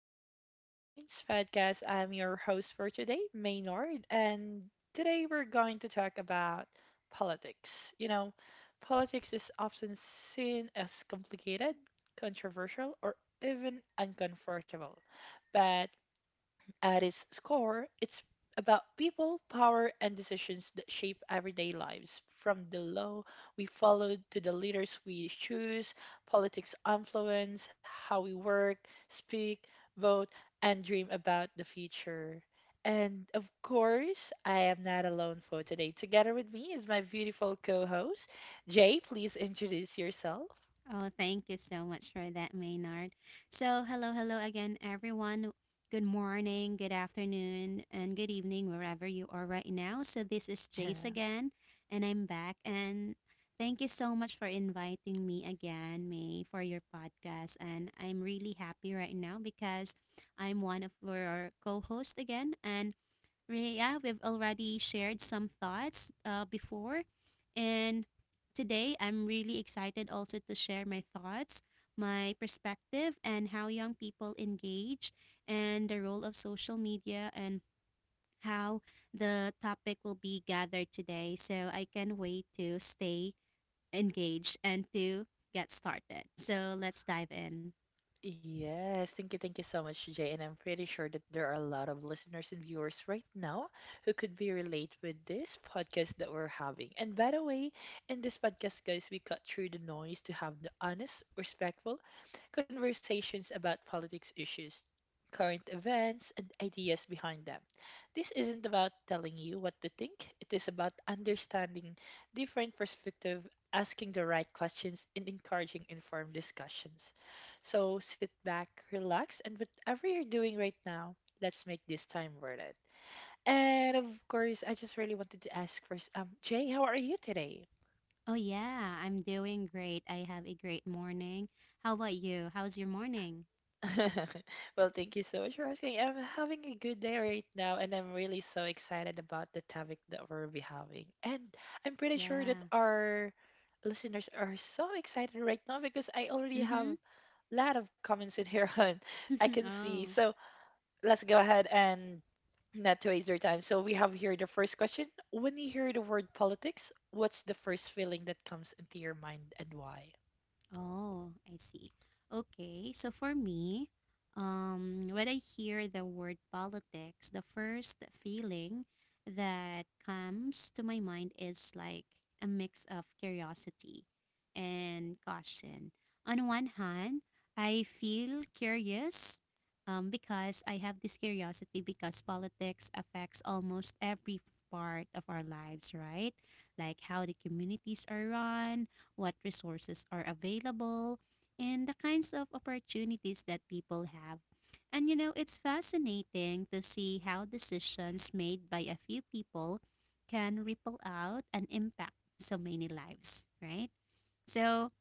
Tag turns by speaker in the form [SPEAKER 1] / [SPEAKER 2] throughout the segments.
[SPEAKER 1] welcome to Main's podcast. I'm your host for today, Maynard, and today we're going to talk about politics. You know, politics is often seen as complicated, controversial, or even uncomfortable. But at its core, it's about people, power, and decisions that shape everyday lives. From the law we follow to the leaders we choose, politics influence how we work, speak, vote, and dream about the future. And of course, I am not alone for today. Together with me is my beautiful co host, Jay. Please introduce yourself.
[SPEAKER 2] Oh, thank you so much for that, Maynard. So, hello, hello again, everyone. Good morning, good afternoon, and good evening, wherever you are right now. So, this is Jace again, and I'm back. And thank you so much for inviting me again, May, for your podcast. And I'm really happy right now because I'm one of your co hosts again. And Rhea, we've already shared some thoughts before, and today I'm really excited also to share my thoughts, my perspective, and how young people engage, and the role of social media, and how the topic will be gathered today. So I can wait to stay engaged and to get started. So let's dive in.
[SPEAKER 1] Yes, thank you so much, Jay. And I'm pretty sure that there are a lot of listeners and viewers right now who could be relate with this podcast that we're having. And by the way, in this podcast, guys, we cut through the noise to have the honest, respectful conversations about politics issues, current events, and ideas behind them. This isn't about telling you what to think, it is about understanding different perspective, asking the right questions, and encouraging informed discussions. So sit back, relax, and whatever you're doing right now, let's make this time worth it. And of course, I just really wanted to ask first, Jay, how are you today?
[SPEAKER 2] Oh, yeah, I'm doing great. I have a great morning. How about you? How's your morning?
[SPEAKER 1] Well, thank you so much for asking. I'm having a good day right now, and I'm really so excited about the topic that we'll be having. And I'm pretty sure that
[SPEAKER 2] Yeah.
[SPEAKER 1] our listeners are so excited right now because I already have
[SPEAKER 2] Mhm.
[SPEAKER 1] lot of comments in here on I can see.
[SPEAKER 2] Oh.
[SPEAKER 1] So let's go ahead and not to waste their time. So we have here the first question. When you hear the word politics, what's the first feeling that comes into your mind and why?
[SPEAKER 2] Oh, I see. Okay, so for me, when I hear the word politics, the first feeling that comes to my mind is like a mix of curiosity and caution. On one hand, I feel curious because I have this curiosity because politics affects almost every part of our lives, right? Like how the communities are run, what resources are available, and the kinds of opportunities that people have. And you know, it's fascinating to see how decisions made by a few people can ripple out and impact so many lives, right? So,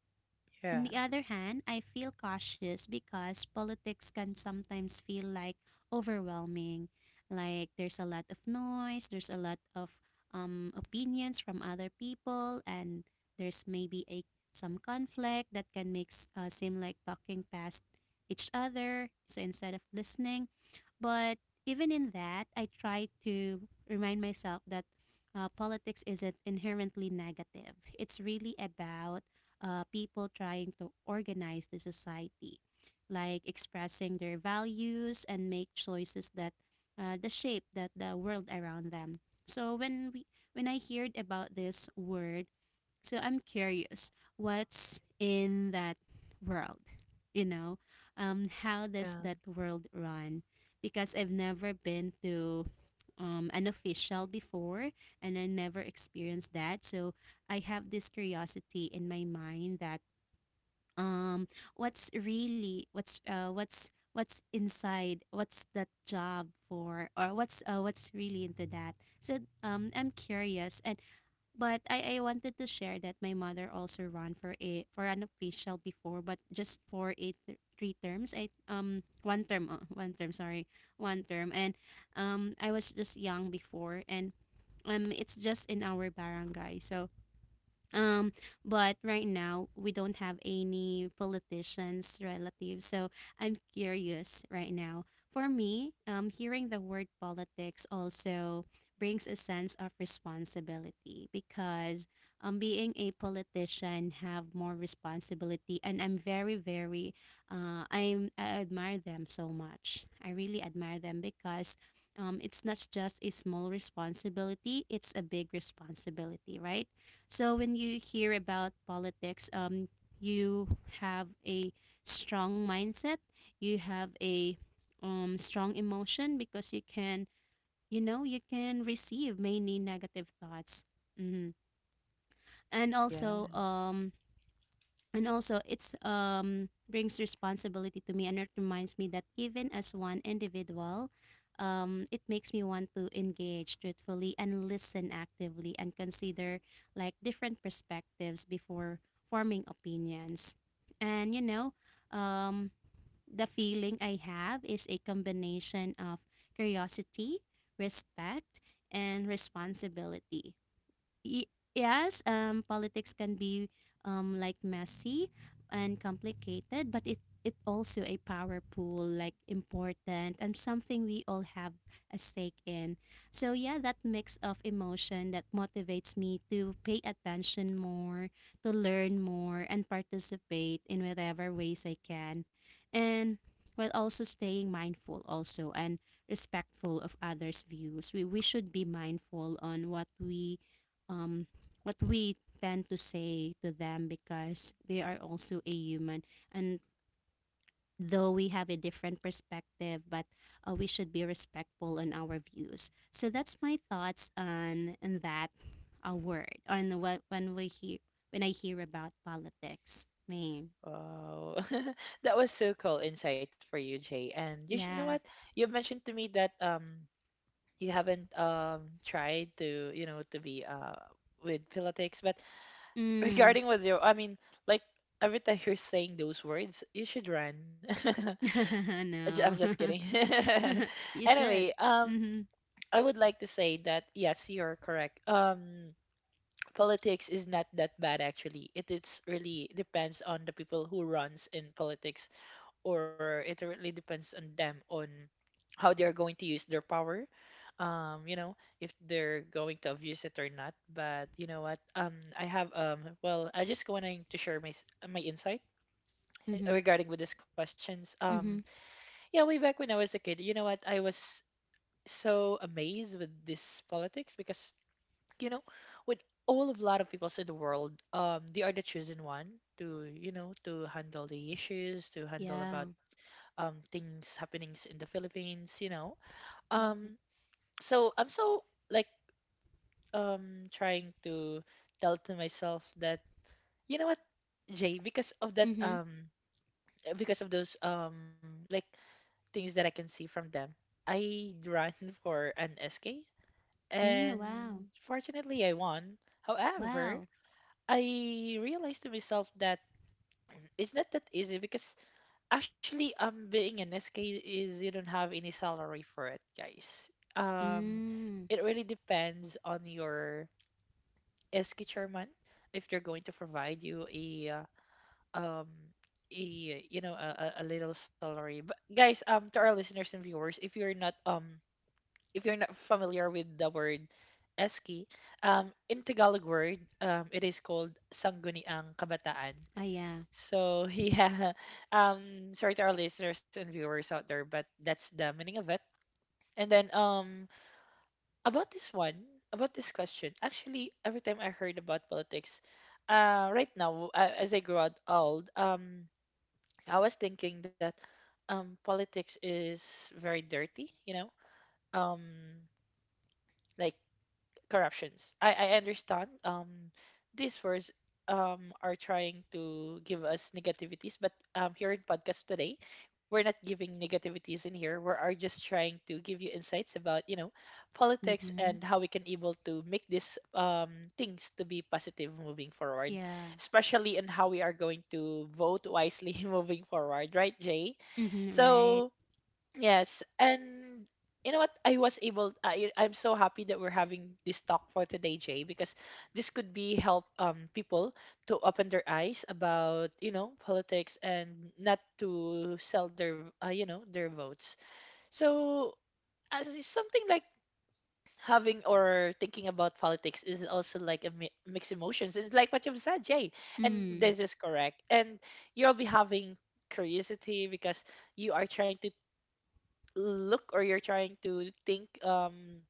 [SPEAKER 1] Yeah.
[SPEAKER 2] on the other hand, I feel cautious because politics can sometimes feel like overwhelming. Like there's a lot of noise, there's a lot of opinions from other people, and there's maybe a some conflict that can make seem like talking past each other. So instead of listening, but even in that, I try to remind myself that politics isn't inherently negative. It's really about people trying to organize the society, like expressing their values and make choices that the shape that the world around them. So when I heard about this word, so I'm curious, what's in that world? You know, how does
[SPEAKER 1] Yeah.
[SPEAKER 2] that world run? Because I've never been to an official before and I never experienced that. So I have this curiosity in my mind that um, what's really, what's inside what's that job for or what's really into that, so I'm curious. And but I wanted to share that my mother also ran for a for an official before, but just for three terms. I one term, oh, one term. Sorry, one term. And I was just young before, and it's just in our barangay. So, Um, but right now we don't have any politicians relatives, so I'm curious right now. For me, hearing the word politics also brings a sense of responsibility, because being a politician have more responsibility, and I'm very very I admire them so much. I really admire them because, it's not just a small responsibility, it's a big responsibility, right? So when you hear about politics, you have a strong mindset. You have a strong emotion because you can receive many negative thoughts. Hmm. And also,
[SPEAKER 1] Yes.
[SPEAKER 2] it's brings responsibility to me, and it reminds me that even as one individual, it makes me want to engage truthfully and listen actively and consider like different perspectives before forming opinions. And you know, um, the feeling I have is a combination of curiosity, respect, and responsibility. y- yes, politics can be like messy and complicated, but it also a power pool, like important and something we all have a stake in. So yeah, that mix of emotion that motivates me to pay attention more, to learn more, and participate in whatever ways I can, and while also staying mindful also and respectful of others' views. We should be mindful on what we um, what we tend to say to them, because they are also a human. And though we have a different perspective, but we should be respectful in our views. So that's my thoughts on that word, on what, when we hear when I hear about politics. Man,
[SPEAKER 1] Wow. That was so cool insight for you, Jay. And you should know what?
[SPEAKER 2] yeah.
[SPEAKER 1] You've mentioned to me that you haven't tried to, you know, to be with politics, but
[SPEAKER 2] Mm.
[SPEAKER 1] regarding with your I mean, like every time you're saying those words, you should run. I'm
[SPEAKER 2] No.
[SPEAKER 1] just kidding.
[SPEAKER 2] You
[SPEAKER 1] Anyway,
[SPEAKER 2] should. Mm-hmm.
[SPEAKER 1] I would like to say that yes, you're correct. Politics is not that bad actually. It's really depends on the people who runs in politics, or it really depends on them on how they're going to use their power. You know, if they're going to abuse it or not. But you know what? I have well, I just wanting to share my my insight eh,
[SPEAKER 2] Mm-hmm.
[SPEAKER 1] regarding with these questions.
[SPEAKER 2] Mm-hmm.
[SPEAKER 1] Yeah, way back when I was a kid, you know what? I was so amazed with this politics because you know with all of lot of peoples in the world they are the chosen one to you know to handle the issues to handle
[SPEAKER 2] Yeah.
[SPEAKER 1] about things happenings in the philippines you know um so I'm so like trying to tell to myself that you know what Jay, because of that
[SPEAKER 2] Mm-hmm.
[SPEAKER 1] because of those like things that I can see from them I ran for an SK
[SPEAKER 2] Mm, wow.
[SPEAKER 1] and fortunately I won. However,
[SPEAKER 2] Wow.
[SPEAKER 1] I realized to myself that it's not that easy because actually being an SK is you don't have any salary for it, guys. Um
[SPEAKER 2] Mm.
[SPEAKER 1] it really depends on your SK chairman if they're going to provide you um a you know a little salary. But guys, to our listeners and viewers, if you're not familiar with the word Eski, in Tagalog word, it is called Sangguniang Kabataan.
[SPEAKER 2] Ah, yeah.
[SPEAKER 1] So yeah, sorry to our listeners and viewers out there, but that's the meaning of it. And then about this one, about this question, actually, every time I heard about politics, right now, as I grew out old, I was thinking that politics is very dirty, you know, um, like corruptions. I understand these words are trying to give us negativities, but here in podcast today, we're not giving negativities in here. We are just trying to give you insights about, you know, politics
[SPEAKER 2] Mm-hmm.
[SPEAKER 1] and how we can able to make these things to be positive moving forward,
[SPEAKER 2] Yeah.
[SPEAKER 1] especially in how we are going to vote wisely moving forward, right, Jay?
[SPEAKER 2] Mm-hmm. Right.
[SPEAKER 1] So yes, and you know what? I was able. I'm so happy that we're having this talk for today, Jay, because this could be help people to open their eyes about you know politics and not to sell their you know their votes. So as is something like having or thinking about politics is also like a mixed emotions, and like what you've said, Jay, and
[SPEAKER 2] Mm.
[SPEAKER 1] this is correct. And you'll be having curiosity because you are trying to look or you're trying to think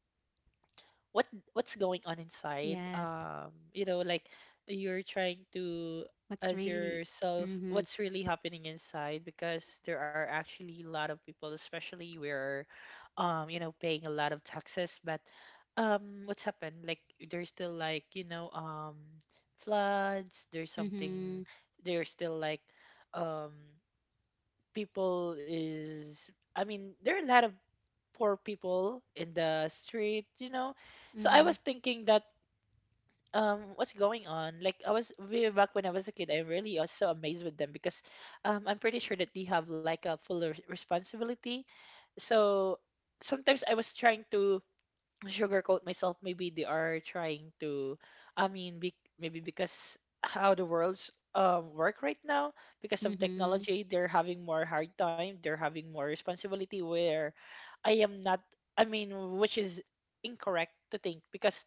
[SPEAKER 1] what what's going on inside
[SPEAKER 2] Yes.
[SPEAKER 1] you know like you're trying to
[SPEAKER 2] What's
[SPEAKER 1] as
[SPEAKER 2] really?
[SPEAKER 1] yourself
[SPEAKER 2] Mm-hmm.
[SPEAKER 1] what's really happening inside because there are actually a lot of people especially we're you know paying a lot of taxes but what's happened like there's still like you know floods there's something
[SPEAKER 2] Mm-hmm.
[SPEAKER 1] there's still like um people is I mean, there are a lot of poor people in the street, you know. So I
[SPEAKER 2] Mm-hmm.
[SPEAKER 1] was thinking that what's going on? Like I was way back when I was a kid, I'm really also amazed with them because I'm pretty sure that they have like a full responsibility. So sometimes I was trying to sugarcoat myself maybe they are trying to I mean be, maybe because how the world's work right now because of
[SPEAKER 2] Mm-hmm.
[SPEAKER 1] technology they're having more hard time they're having more responsibility where I am not I mean which is incorrect to think because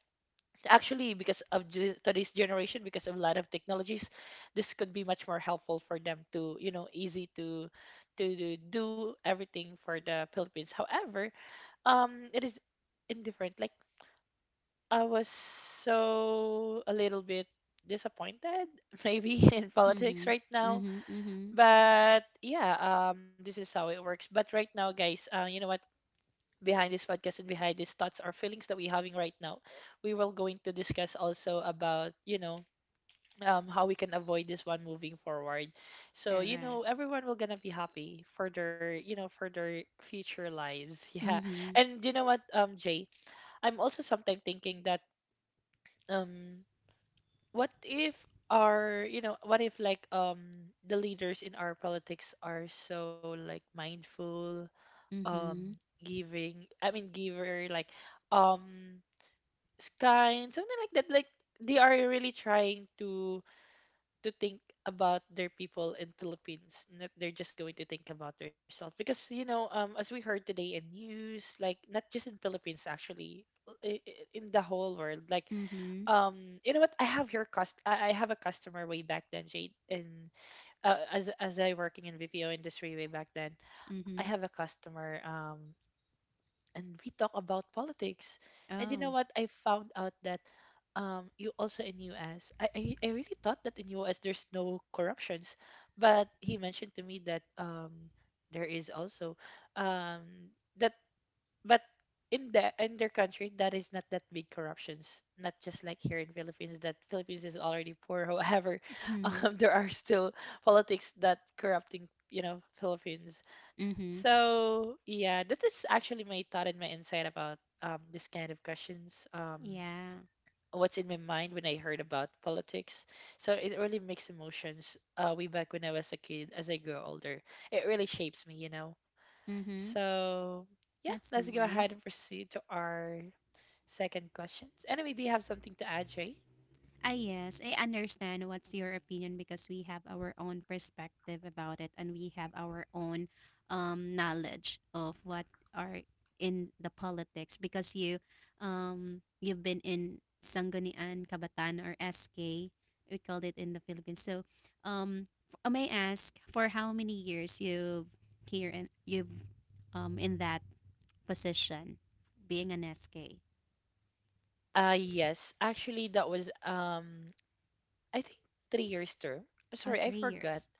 [SPEAKER 1] actually because of today's generation because of a lot of technologies this could be much more helpful for them to you know easy to do everything for the philippines however it is indifferent. Like I was so a little bit disappointed, maybe in politics
[SPEAKER 2] Mm-hmm.
[SPEAKER 1] right now.
[SPEAKER 2] Mm-hmm. Mm-hmm.
[SPEAKER 1] But yeah, this is how it works. But right now, guys, you know what? Behind this podcast and behind these thoughts or feelings that we're having right now, we will going to discuss also about you know how we can avoid this one moving forward. So you know
[SPEAKER 2] Correct.
[SPEAKER 1] everyone will gonna be happy for their you know for their future lives. Yeah,
[SPEAKER 2] Mm-hmm.
[SPEAKER 1] and you know what, Jay, I'm also sometimes thinking that. Um, what if our you know what if like the leaders in our politics are so like mindful um
[SPEAKER 2] Mm-hmm.
[SPEAKER 1] giving I mean giver like um kind something like that like they are really trying to think about their people in philippines not they're just going to think about themselves because you know as we heard today in news like not just in philippines actually in the whole world like
[SPEAKER 2] Mm-hmm.
[SPEAKER 1] you know what I have your cust. I have a customer way back then Jade, and as I working in VPO industry way back then I have
[SPEAKER 2] Mm-hmm.
[SPEAKER 1] a customer and we talk about politics and you know
[SPEAKER 2] Oh.
[SPEAKER 1] what I found out that you also in US I really thought that in US there's no corruptions but he mentioned to me that there is also that but in the in their country that is not that big corruptions not just like here in philippines that philippines is already poor however
[SPEAKER 2] Mm-hmm.
[SPEAKER 1] there are still politics that corrupting you know philippines
[SPEAKER 2] Mm-hmm.
[SPEAKER 1] so yeah that is actually my thought and my insight about this kind of questions
[SPEAKER 2] Yeah.
[SPEAKER 1] what's in my mind when I heard about politics so it really makes emotions way back when I was a kid as I grow older it really shapes me you know
[SPEAKER 2] Mm-hmm.
[SPEAKER 1] so, yeah,
[SPEAKER 2] That's
[SPEAKER 1] let's go ahead
[SPEAKER 2] nice.
[SPEAKER 1] and proceed to our second questions. Anyway, do you have something to add, Jay?
[SPEAKER 2] Ah, yes, I understand what's your opinion, because we have our own perspective about it and we have our own knowledge of what are in the politics, because you've been in Sangguniang, Kabataan, or SK, we called it in the Philippines. So, um, may I ask for how many years you've here and you've in that position, being an SK?
[SPEAKER 1] Yes, actually, that was I think 3 years term. Sorry,
[SPEAKER 2] Oh,
[SPEAKER 1] I
[SPEAKER 2] three
[SPEAKER 1] forgot.
[SPEAKER 2] years.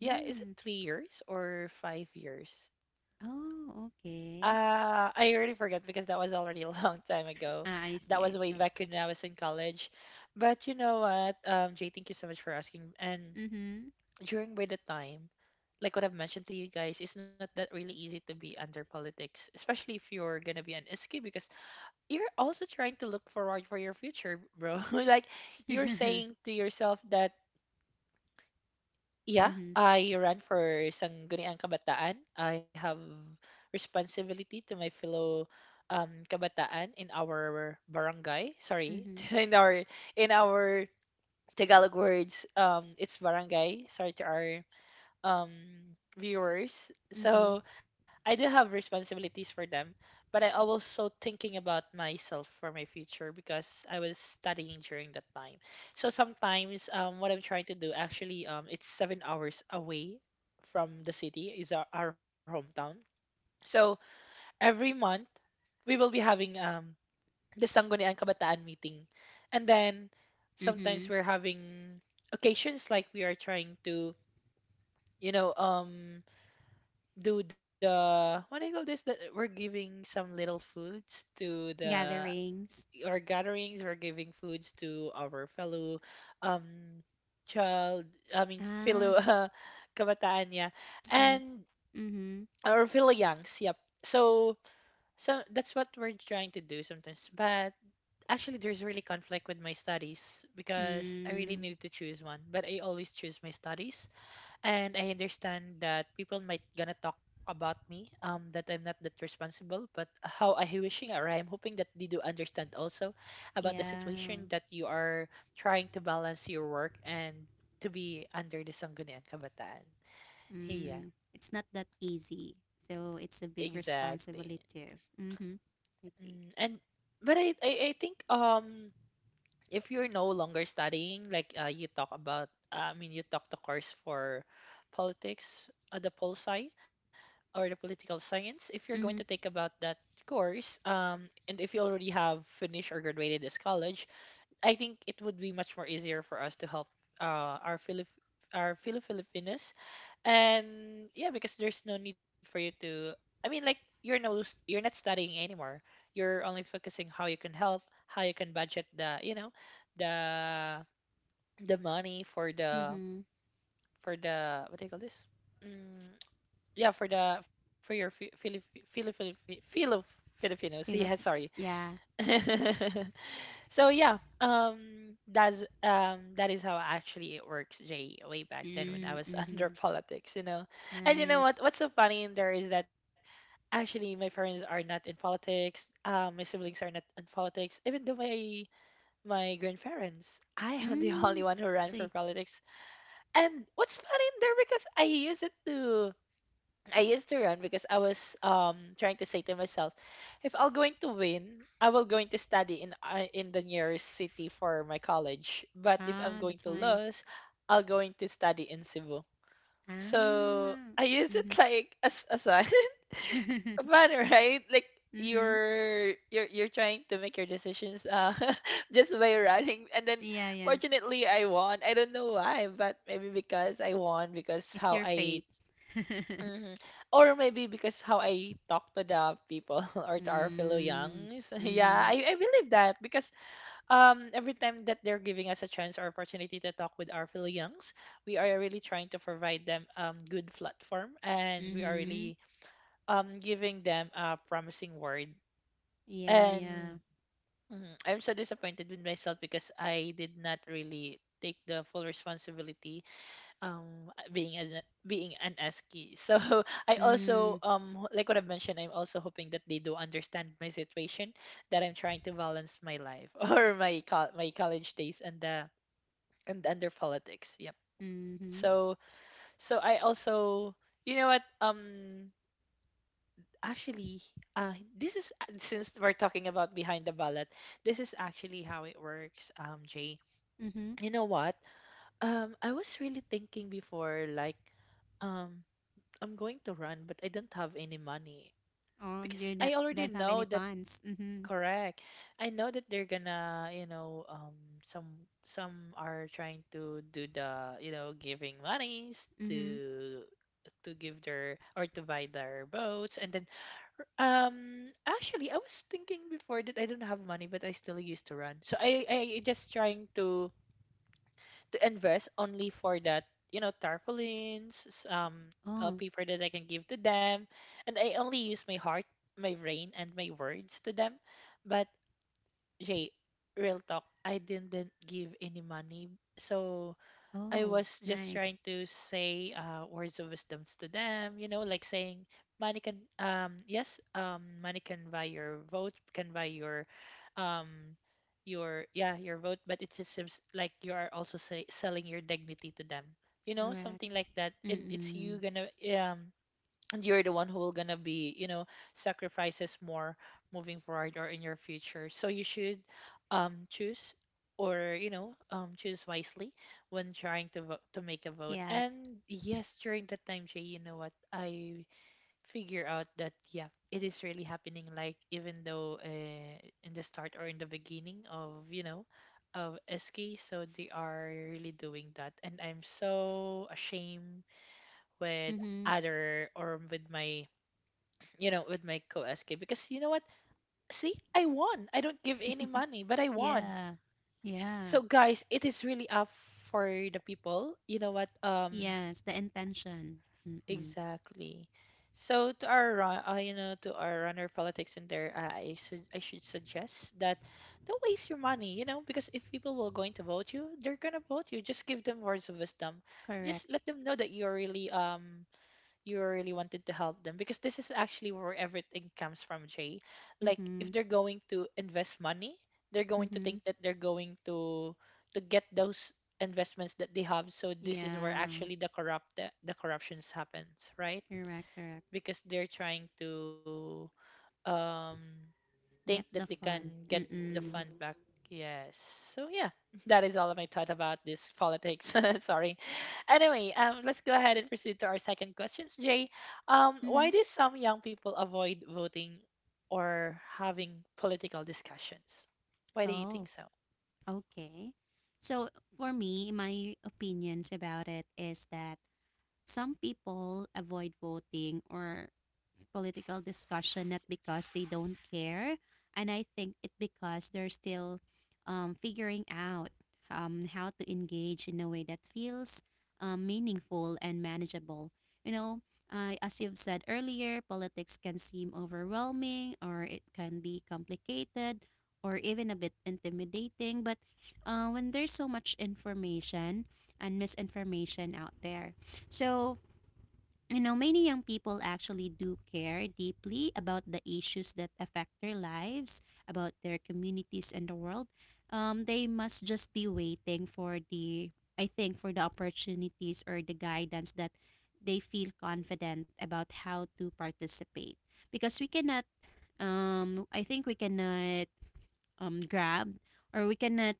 [SPEAKER 1] Yeah, is it
[SPEAKER 2] Mm.
[SPEAKER 1] 3 years or 5 years?
[SPEAKER 2] Oh, okay.
[SPEAKER 1] I already forgot because that was already a long time ago.
[SPEAKER 2] Ah, I
[SPEAKER 1] That
[SPEAKER 2] see,
[SPEAKER 1] was
[SPEAKER 2] I
[SPEAKER 1] way
[SPEAKER 2] see.
[SPEAKER 1] back when I was in college. But you know what, Jay, thank you so much for asking. And
[SPEAKER 2] Mhm.
[SPEAKER 1] during by the time, like what I've mentioned to you guys, it's not that really easy to be under politics, especially if you're gonna be an SQ because you're also trying to look forward for your future, bro. Like you're
[SPEAKER 2] Mhm.
[SPEAKER 1] saying to yourself that yeah,
[SPEAKER 2] Mhm.
[SPEAKER 1] I ran for Sangguniang Kabataan. I have responsibility to my fellow kabataan in our barangay. Sorry, in our in our Tagalog words, it's barangay. Sorry to our um viewers, so
[SPEAKER 2] Mhm.
[SPEAKER 1] I do have responsibilities for them, but I also thinking about myself for my future because I was studying during that time. So sometimes, what I'm trying to do actually, it's 7 hours away from the city is our hometown. So every month we will be having the Sangguniang Kabataan meeting. And then sometimes
[SPEAKER 2] Mhm.
[SPEAKER 1] we're having occasions like we are trying to, you know, um do the, what do you call this, that we're giving some little foods to the,
[SPEAKER 2] Gatherings.
[SPEAKER 1] our gatherings, we're giving foods to our fellow um child I mean fellow
[SPEAKER 2] Ah,
[SPEAKER 1] kabataan, yeah.
[SPEAKER 2] some.
[SPEAKER 1] And
[SPEAKER 2] Mhm.
[SPEAKER 1] our fellow youngs, yep. So so that's what we're trying to do sometimes, but actually there's really conflict with my studies because I really
[SPEAKER 2] Mm.
[SPEAKER 1] need to choose one, but I always choose my studies. And I understand that people might gonna talk about me, that I'm not that responsible. But how I wishing or I'm hoping that they do understand also about the
[SPEAKER 2] Yeah.
[SPEAKER 1] situation that you are trying to balance your work and to be under the Sangguniang Kabataan. Yeah,
[SPEAKER 2] Mm. It's not that easy. So it's a big
[SPEAKER 1] exactly.
[SPEAKER 2] responsibility too. Mhm. I
[SPEAKER 1] Mm,
[SPEAKER 2] see.
[SPEAKER 1] and but I think, if you're no longer studying, like you talk about, I mean you talk the course for politics, the poli sci. Or the political science. If you're going to take
[SPEAKER 2] Mhm.
[SPEAKER 1] about that course, and if you already have finished or graduated this college, I think it would be much more easier for us to help uh, our Philip our fellow Filipinos. And yeah, because there's no need for you to. I mean, like you're you're not studying anymore. You're only focusing how you can help, how you can budget the, the the money for the,
[SPEAKER 2] Mhm.
[SPEAKER 1] for the what do you call this? Mm, yeah, for the, for your Fi- Fili Fili Fili Fi- Filo Filipinos. Yeah, sorry.
[SPEAKER 2] Philippine. Yeah.
[SPEAKER 1] So yeah, that's, that is how actually it works, Jay. Way back then when I
[SPEAKER 2] Mm.
[SPEAKER 1] was under
[SPEAKER 2] Mhm.
[SPEAKER 1] politics, you know. And you know what?
[SPEAKER 2] Nice.
[SPEAKER 1] What's so funny in there is that actually my parents are not in politics. My siblings are not in politics. Even though my grandparents, I am the only
[SPEAKER 2] Mm.
[SPEAKER 1] one who ran for
[SPEAKER 2] See.
[SPEAKER 1] politics. And what's funny in there because I used to run because I was trying to say to myself, if I'm going to win, I will going to study in the nearest city for my college. But if I'm
[SPEAKER 2] Ah,
[SPEAKER 1] going
[SPEAKER 2] that's
[SPEAKER 1] to
[SPEAKER 2] why.
[SPEAKER 1] lose, I'll going to study in Cebu. So
[SPEAKER 2] Ah.
[SPEAKER 1] I used it
[SPEAKER 2] Mhm.
[SPEAKER 1] like as a sign.
[SPEAKER 2] Mhm.
[SPEAKER 1] Fun, right? Like you're trying to make your decisions just by running, and then
[SPEAKER 2] Yeah, yeah.
[SPEAKER 1] fortunately I won. I don't know why, but maybe because I won because
[SPEAKER 2] It's
[SPEAKER 1] how
[SPEAKER 2] your
[SPEAKER 1] I,
[SPEAKER 2] fate.
[SPEAKER 1] hmm or maybe because how I talk to the people or to our fellow
[SPEAKER 2] Mm,
[SPEAKER 1] youngs. Yeah,
[SPEAKER 2] mm-hmm,
[SPEAKER 1] I believe that because every time that they're giving us a chance or opportunity to talk with our fellow youngs, we are really trying to provide them good platform, and we are
[SPEAKER 2] mm-hmm.
[SPEAKER 1] really giving them a promising word.
[SPEAKER 2] Yeah, yeah.
[SPEAKER 1] And, I'm so disappointed with myself because I did not really take the full responsibility um uh, being an being an ASCII. So I
[SPEAKER 2] Mm,
[SPEAKER 1] also like what I've mentioned, I'm also hoping that they do understand my situation, that I'm trying to balance my life or my college days and the, and under politics. Yep.
[SPEAKER 2] mm-hmm,
[SPEAKER 1] So, so I also, you know what, actually, this is since we're talking about behind the ballot, this is actually how it works, Jay.
[SPEAKER 2] mm-hmm.
[SPEAKER 1] You know what? I was really thinking before, like, um I'm going to run, but I don't have any money,
[SPEAKER 2] Oh, you
[SPEAKER 1] because I already
[SPEAKER 2] don't have any
[SPEAKER 1] know that,
[SPEAKER 2] funds. Mm-hmm,
[SPEAKER 1] correct. I know that they're gonna, you know, some are trying to do the, you know, giving monies
[SPEAKER 2] mm-hmm.
[SPEAKER 1] to give their or to buy their boats. And then actually I was thinking before that I don't have money, but I still used to run. So I just trying to invest only for that, you know, tarpaulins,
[SPEAKER 2] Oh,
[SPEAKER 1] paper that I can give to them, and I only use my heart, my brain, and my words to them. But Jay, real talk, I didn't give any money. So I
[SPEAKER 2] oh,
[SPEAKER 1] was just
[SPEAKER 2] nice.
[SPEAKER 1] trying to say words of wisdoms to them, you know, like saying money can, yes, money can buy your vote, can buy your um your, yeah, your vote, but it just seems like you are also say, selling your dignity to them. You know,
[SPEAKER 2] Correct.
[SPEAKER 1] something like that. And it's,
[SPEAKER 2] Mm-mm.
[SPEAKER 1] you gonna um and you're the one who will gonna be, you know, sacrifices more moving forward or in your future, so you should choose, or you know, choose wisely when trying to vote, to make a vote. And
[SPEAKER 2] Yes.
[SPEAKER 1] yes, during that time, Jay, you know what, I figure out that, yeah, it is really happening, like even though, in the start or in the beginning of, you know, of ski so they are really doing that. And I'm so ashamed with
[SPEAKER 2] Mm-hmm.
[SPEAKER 1] other, or with my, you know, with my co-SK, because you know what? See, I won. I don't give any money, but I won.
[SPEAKER 2] Yeah, yeah.
[SPEAKER 1] So guys, it is really up for the people. You know what?
[SPEAKER 2] Yes, the intention. Mm-mm.
[SPEAKER 1] Exactly. So to our run, you know, to our runner politics in there, I should suggest that don't waste your money. You know, because if people will going to vote you, they're gonna vote you. Just give them words of wisdom. Just
[SPEAKER 2] Correct.
[SPEAKER 1] let them know that you're really you really wanted to help them, because this is actually where everything comes from, Jay. Like
[SPEAKER 2] Mm-hmm,
[SPEAKER 1] if they're going to invest money, they're going to
[SPEAKER 2] mm-hmm.
[SPEAKER 1] think that they're going to get those investments that they have. So this is where
[SPEAKER 2] Yeah,
[SPEAKER 1] actually the corruptions happens, right,
[SPEAKER 2] correct, correct.
[SPEAKER 1] because they're trying to um think
[SPEAKER 2] Get
[SPEAKER 1] that
[SPEAKER 2] the
[SPEAKER 1] they can
[SPEAKER 2] fun.
[SPEAKER 1] get the
[SPEAKER 2] Mm-mm.
[SPEAKER 1] fund back. Yes. So yeah, that is all of my thought about this politics. Sorry. Anyway, let's go ahead and proceed to our second questions, Jay.
[SPEAKER 2] Mm-hmm.
[SPEAKER 1] Why do some young people avoid voting or having political discussions? Why do you
[SPEAKER 2] Oh,
[SPEAKER 1] think so?
[SPEAKER 2] okay. So for me, my opinions about it is that some people avoid voting or political discussion not because they don't care, and I think it because they're still figuring out how to engage in a way that feels meaningful and manageable. You know, as you've said earlier, politics can seem overwhelming, or it can be complicated or even a bit intimidating. But when there's so much information and misinformation out there, so you know, many young people actually do care deeply about the issues that affect their lives, about their communities and the world. They must just be waiting for the, I think, for the opportunities or the guidance that they feel confident about how to participate. Because we cannot, I think we cannot grabbed, or we cannot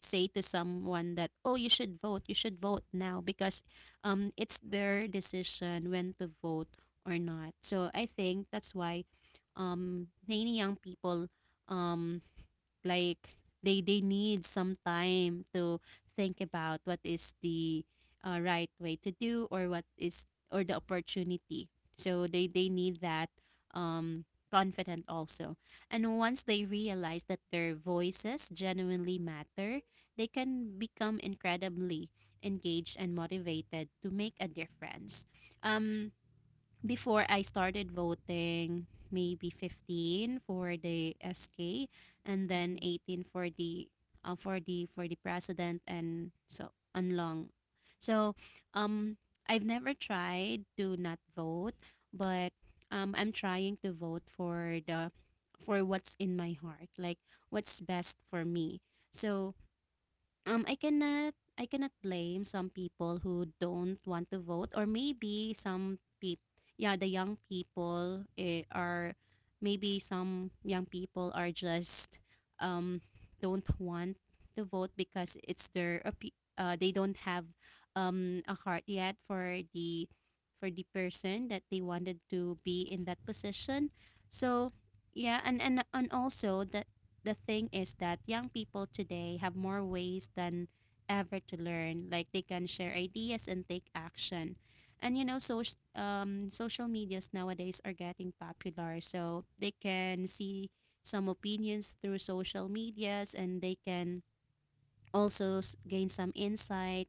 [SPEAKER 2] say to someone that oh you should vote, you should vote now, because it's their decision when to vote or not. So I think that's why, many young people, um, like they need some time to think about what is the right way to do, or what is, or the opportunity. So they need that um confident also, and once they realize that their voices genuinely matter, they can become incredibly engaged and motivated to make a difference. um Before I started voting, maybe 15 for the SK and then
[SPEAKER 1] Mhm.
[SPEAKER 2] 18 for the for the president and so Anlong. So um I've never tried to not vote, but I'm trying to vote for the for what's in my heart, like what's best for me. So, I cannot blame some people who don't want to vote, or maybe some people, yeah, the young people, are maybe some young people are just um don't want to vote because it's their they don't have a heart yet for the person that they wanted to be in that position. So yeah, and also the thing is that young people today have more ways than ever to learn. Like they can share ideas and take action. And you know, so, social medias nowadays are getting popular, so they can see some opinions through social medias, and they can also gain some insight.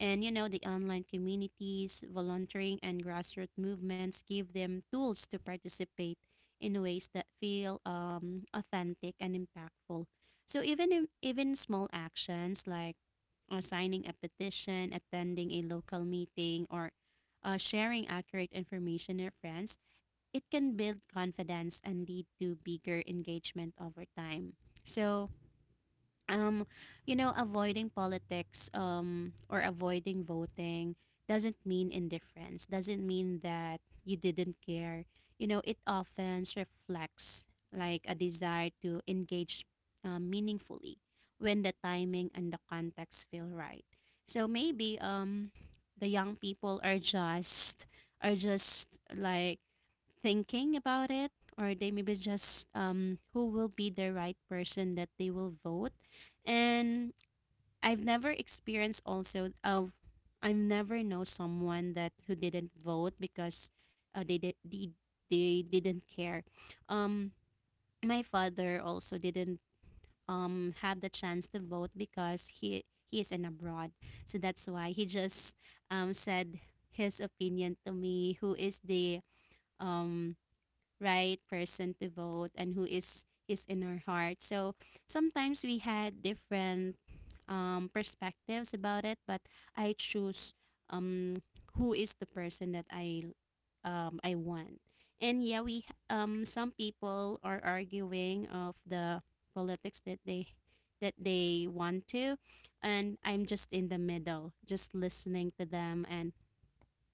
[SPEAKER 2] And you know, the online communities, volunteering, and grassroots movements give them tools to participate in ways that feel authentic and impactful. So even even small actions like signing a petition, attending a local meeting, or sharing accurate information with friends, it can build confidence and lead to bigger engagement over time. So um avoiding politics, or avoiding voting, doesn't mean indifference, doesn't mean that you didn't care. You know, it often reflects like a desire to engage meaningfully when the timing and the context feel right. So maybe the young people are just like thinking about it, or they maybe just who will be the right person that they will vote. And I've never experienced also of I've never know someone that who didn't vote because they didn't care. um my father also didn't have the chance to vote, because he is in abroad, so that's why he just said his opinion to me who is the um right person to vote, and who is in our
[SPEAKER 1] Mm.
[SPEAKER 2] heart. So sometimes we had different perspectives about it, but I choose um, who is the person that I want. And yeah, we some people are arguing of the politics that they want to, and I'm just in the middle, just listening to them and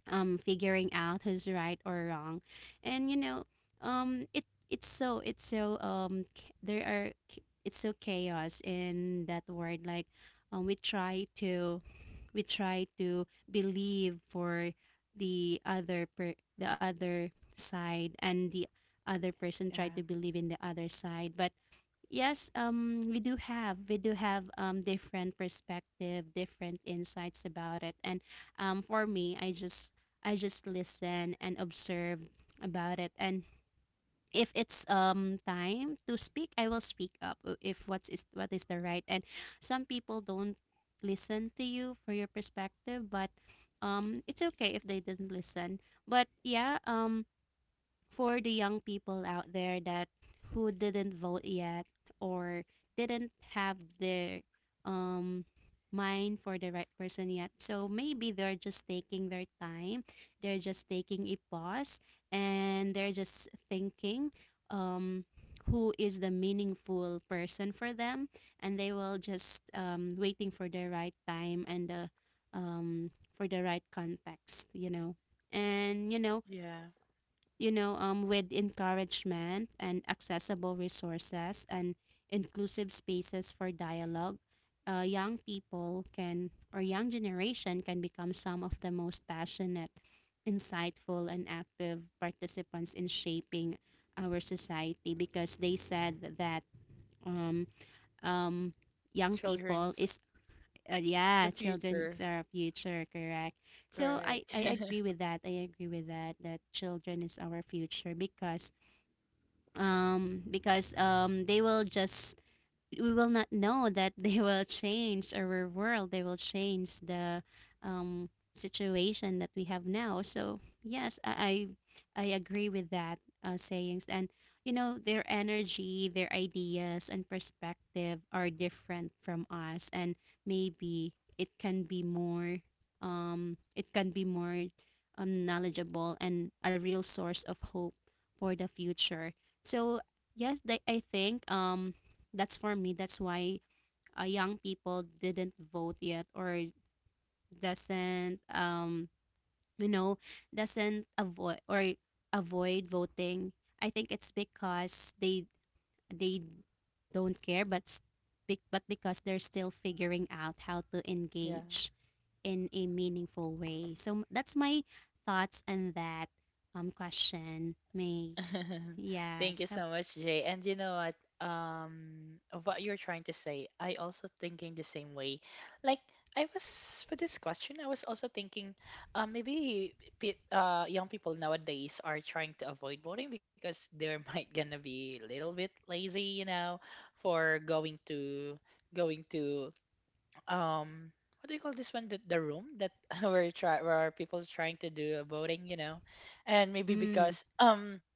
[SPEAKER 2] figuring out who's right or wrong. And you know um it it's so it's so chaos in that word. Um we try to we try to believe for the other side, and the other person try
[SPEAKER 1] Yeah,
[SPEAKER 2] to believe in the other side, but yes, we do have different perspective, different insights about it. And for me, I just listen and observe about it, and if it's time to speak, I will speak up if what is the right. And some people don't listen to you for your perspective, but it's okay if they didn't listen. But yeah, for the young people out there that who didn't vote yet, or didn't have their um mind for the right person yet. So maybe they're just taking their time. They're just taking a pause, and they're just thinking um who is the meaningful person for them, and they will just waiting for the right time and the um for the right context, you know. And you know,
[SPEAKER 1] yeah.
[SPEAKER 2] with encouragement and accessible resources and inclusive spaces for dialogue, young people can, or young generation can become some of the most passionate, insightful, and active participants in shaping our society, because they said that um, um, young people
[SPEAKER 1] Children's
[SPEAKER 2] is,
[SPEAKER 1] the
[SPEAKER 2] yeah, children
[SPEAKER 1] future.
[SPEAKER 2] is our future, correct. So I,
[SPEAKER 1] Correct.
[SPEAKER 2] I agree with that. I agree with that that children is our future, because they will just, we will not know that they will change our world. They will change the situation that we have now. So yes, I agree with that sayings. And you know, their energy, their ideas, and perspective are different from us, and maybe it can be more. It can be more knowledgeable and a real source of hope for the future. So yes, I think that's for me. That's why young people didn't vote yet, or doesn't you know doesn't avoid voting. I think it's because they don't care, but but because they're still figuring out how to
[SPEAKER 1] Yeah.
[SPEAKER 2] engage in a meaningful way. So that's my thoughts on that question, May.
[SPEAKER 1] Thank you so
[SPEAKER 2] Yes.
[SPEAKER 1] much, Jay. And you know what? Of what you're trying to say, I also thinking the same way. Like I was for this question, I was also thinking, maybe young people nowadays are trying to avoid voting because they might gonna be a little bit lazy, you know, for going to, going to, um, what do you call this one? The room that where try, where people trying to do a voting, you know. And maybe
[SPEAKER 2] Mm.
[SPEAKER 1] because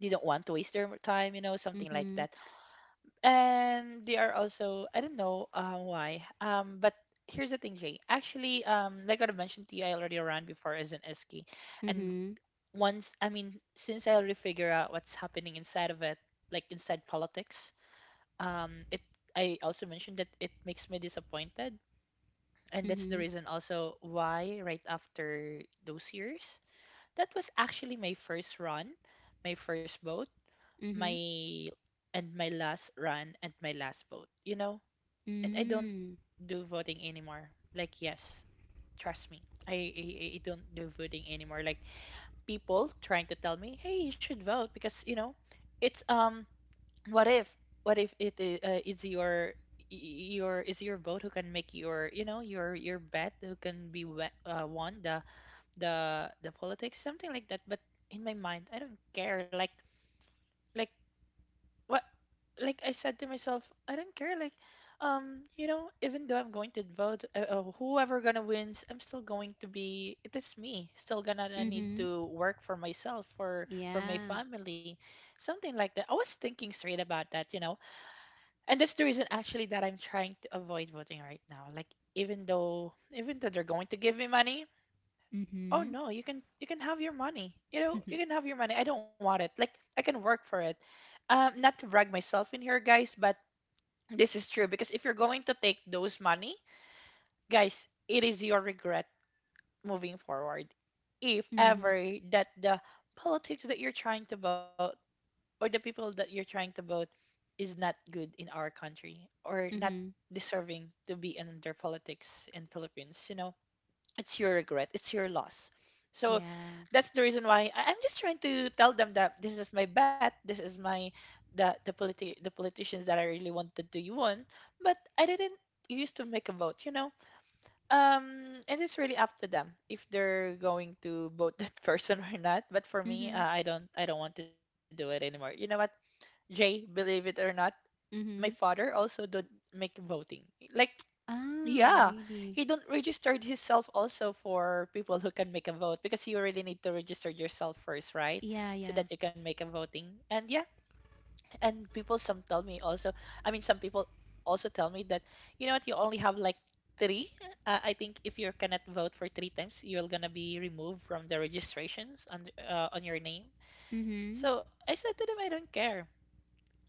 [SPEAKER 1] they don't want to waste their time, you know, something like
[SPEAKER 2] Mhm.
[SPEAKER 1] that. And they are also, I don't know why, but here's the thing, Jay. Actually, like what I mentioned to you, I already ran before as an SK. And
[SPEAKER 2] Mhm.
[SPEAKER 1] once, I mean, since I already figure out what's happening inside of it, like inside politics, it, I also mentioned that it makes me disappointed, and that's the
[SPEAKER 2] Mhm.
[SPEAKER 1] reason also why right after those years, that was actually my first run, my first vote,
[SPEAKER 2] Mhm.
[SPEAKER 1] my, and my last run and my last vote, you know? And I don't
[SPEAKER 2] Mm.
[SPEAKER 1] do voting anymore. Like yes, trust me. I don't do voting anymore. Like people trying to tell me, "Hey, you should vote because, you know, it's what if, what if it's your y- your, is your vote who can make your, you know, your bet who can be won the, the politics, something like that. But in my mind I don't care, like what, like I said to myself, I don't care. Like, you know, even though I'm going to vote, whoever gonna wins, I'm still going to be. It is me. Still gonna need
[SPEAKER 2] Mhm.
[SPEAKER 1] to work for myself, for my
[SPEAKER 2] Yeah.
[SPEAKER 1] family, something like that. I was thinking straight about that, you know, and that's the reason actually that I'm trying to avoid voting right now. Like, even though they're going to give me money, oh
[SPEAKER 2] Mhm.
[SPEAKER 1] no, you can, you can have your money. You know, you can have your money. I don't want it. Like I can work for it. Not to brag myself in here, guys, but this is true, because if you're going to take those money, guys, it is your regret moving forward. If
[SPEAKER 2] Mhm.
[SPEAKER 1] ever that the politics that you're trying to vote or the people that you're trying to vote is not good in our country or not
[SPEAKER 2] Mhm.
[SPEAKER 1] deserving to be under politics in Philippines. It's your regret, it's your loss, so
[SPEAKER 2] Yeah.
[SPEAKER 1] that's the reason why I'm just trying to tell them that this is my bet. This is my the the politi- the politicians that I really wanted to win, but I didn't used to make a vote. And it's really up to them if they're going to vote that person or not. But for me,
[SPEAKER 2] Mhm.
[SPEAKER 1] I don't want to do it anymore. You know what, Jay, believe it or not, my
[SPEAKER 2] Mhm.
[SPEAKER 1] father also don't make voting. Like,
[SPEAKER 2] Ah,
[SPEAKER 1] yeah, he
[SPEAKER 2] really?
[SPEAKER 1] don't registered himself also for people who can make a vote because you really need to register yourself first, right?
[SPEAKER 2] Yeah,
[SPEAKER 1] So that
[SPEAKER 2] yeah.
[SPEAKER 1] you can make a voting. And yeah, and people some tell me also, I mean, some people also tell me that, you know what, you only have like three. I think if you cannot vote for three times, you're gonna be removed from the registrations on your name.
[SPEAKER 2] Mhm.
[SPEAKER 1] So I said to them, I don't care.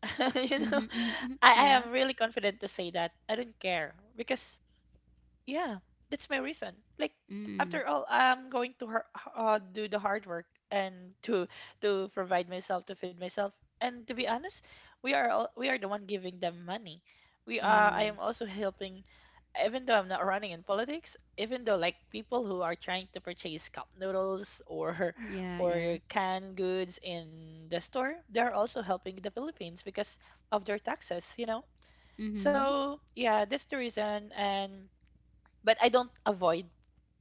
[SPEAKER 1] you know,
[SPEAKER 2] Mhm. Mhm. Mhm.
[SPEAKER 1] I, I am
[SPEAKER 2] Yeah.
[SPEAKER 1] really confident to say that I don't care because, yeah, that's my reason. Like, after
[SPEAKER 2] Mm.
[SPEAKER 1] all, I'm going to do the hard work and to provide myself to feed myself. And to be honest, we are all, we are the one giving them money. We are. I am
[SPEAKER 2] Mm.
[SPEAKER 1] also helping, even though I'm not running in politics. Even though like people who are trying to purchase cup noodles or
[SPEAKER 2] Yeah,
[SPEAKER 1] or
[SPEAKER 2] yeah.
[SPEAKER 1] canned goods in the store, they're also helping the Philippines because of their taxes. You know.
[SPEAKER 2] Mhm.
[SPEAKER 1] So yeah, that's the reason, and but I don't avoid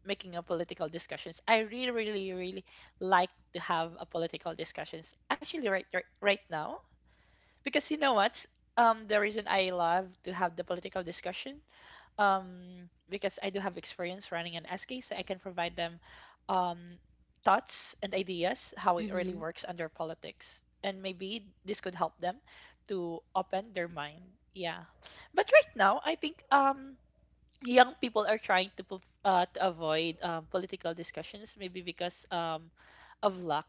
[SPEAKER 1] making a political discussions. I really, really, really like to have a political discussions. Actually, right now, because you know what? The reason I love to have the political discussion, because I do have experience running an SK, so I can provide them, um, thoughts and ideas how it really
[SPEAKER 2] Mhm.
[SPEAKER 1] works under politics, and maybe this could help them to open their mind. Yeah, but right now I think young people are trying to avoid political discussions, maybe because of lack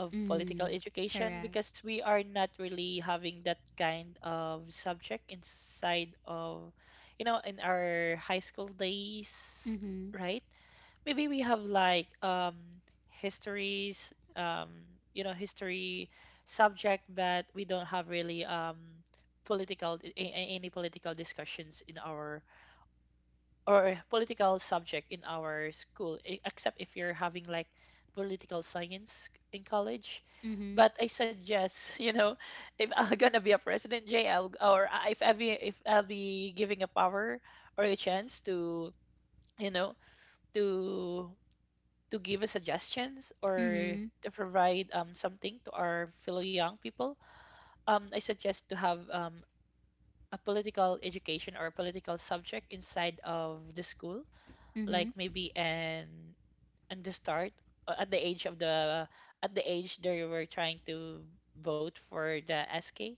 [SPEAKER 1] of political
[SPEAKER 2] Mm.
[SPEAKER 1] education,
[SPEAKER 2] Correct.
[SPEAKER 1] because we are not really having that kind of subject inside of in our high school days,
[SPEAKER 2] Mhm.
[SPEAKER 1] right? Maybe we have like histories, history subject, but we don't have really any political discussions in our, or political subject in our school, except if you're having like political science in college.
[SPEAKER 2] Mhm.
[SPEAKER 1] But I suggest, if I'm gonna be a president, Jay, I'll, or I- if I be, if I'll be giving a power or a chance you know, to to give us suggestions or
[SPEAKER 2] Mhm.
[SPEAKER 1] to provide something to our fellow young people. I suggest to have a political education or a political subject inside of the school, like
[SPEAKER 2] Mhm.
[SPEAKER 1] maybe, and the start uh, at the age of the at the age they were trying to vote for the SK,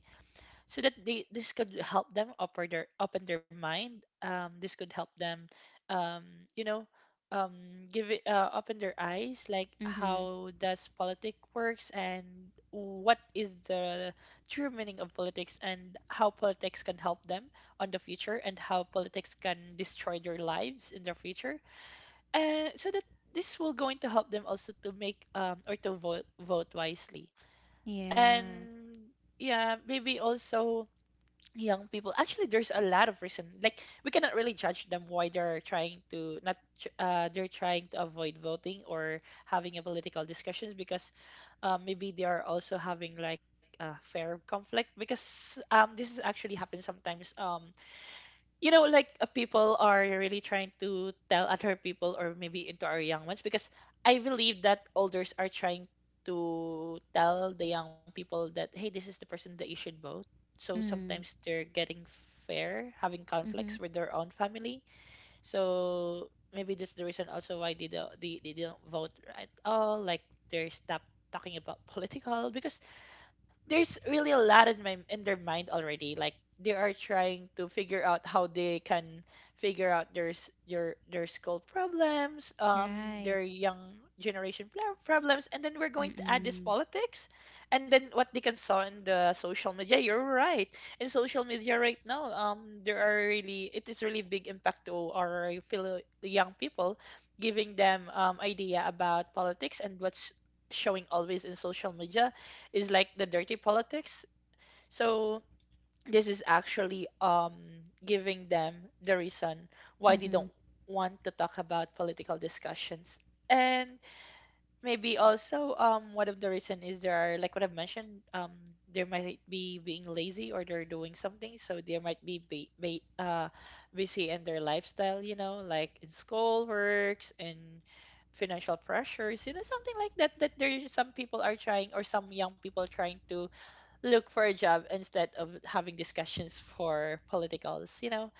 [SPEAKER 1] so that they this could help them open their mind. This could help them, um you know give it, open their eyes, like
[SPEAKER 2] Mhm.
[SPEAKER 1] how does politic works, and what is the true meaning of politics, and how politics can help them on the future, and how politics can destroy their lives in the future, and so that this will going to help them also to make or to vote wisely.
[SPEAKER 2] Yeah.
[SPEAKER 1] And yeah, maybe also young people, actually there's a lot of reason, like we cannot really judge them why they're trying to not tr- they're trying to avoid voting or having a political discussions, because maybe they are also having like a fair conflict because this is actually happens sometimes. You know, like, people are really trying to tell other people, or maybe into our young ones, because I believe that elders are trying to tell the young people that, hey, this is the person that you should vote. So
[SPEAKER 2] Mm.
[SPEAKER 1] sometimes they're getting fair, having
[SPEAKER 2] Mhm.
[SPEAKER 1] conflicts with their own family. So maybe that's the reason also why they don't vote at all. Like, they stop talking about political because there's really a lot in my in their mind already. Like, they are trying to figure out how they can figure out their skull problems, their
[SPEAKER 2] Right.
[SPEAKER 1] young generation problems, and then we're going to add this
[SPEAKER 2] Mm.
[SPEAKER 1] politics, and then what they can saw in the social media. You're right. In social media right now, there are really it is really big impact to our fellow young people, giving them idea about politics, and what's showing always in social media is like the dirty politics. So this is actually giving them the reason why they don't
[SPEAKER 2] Mhm.
[SPEAKER 1] want to talk about political discussions. And maybe also one of the reason is, there are like what I've mentioned, there might be being lazy, or they're doing something, so they might be busy in their lifestyle, like in school works and financial pressures, something like that there some people are trying, or some young people trying to look for a job instead of having discussions for politicals.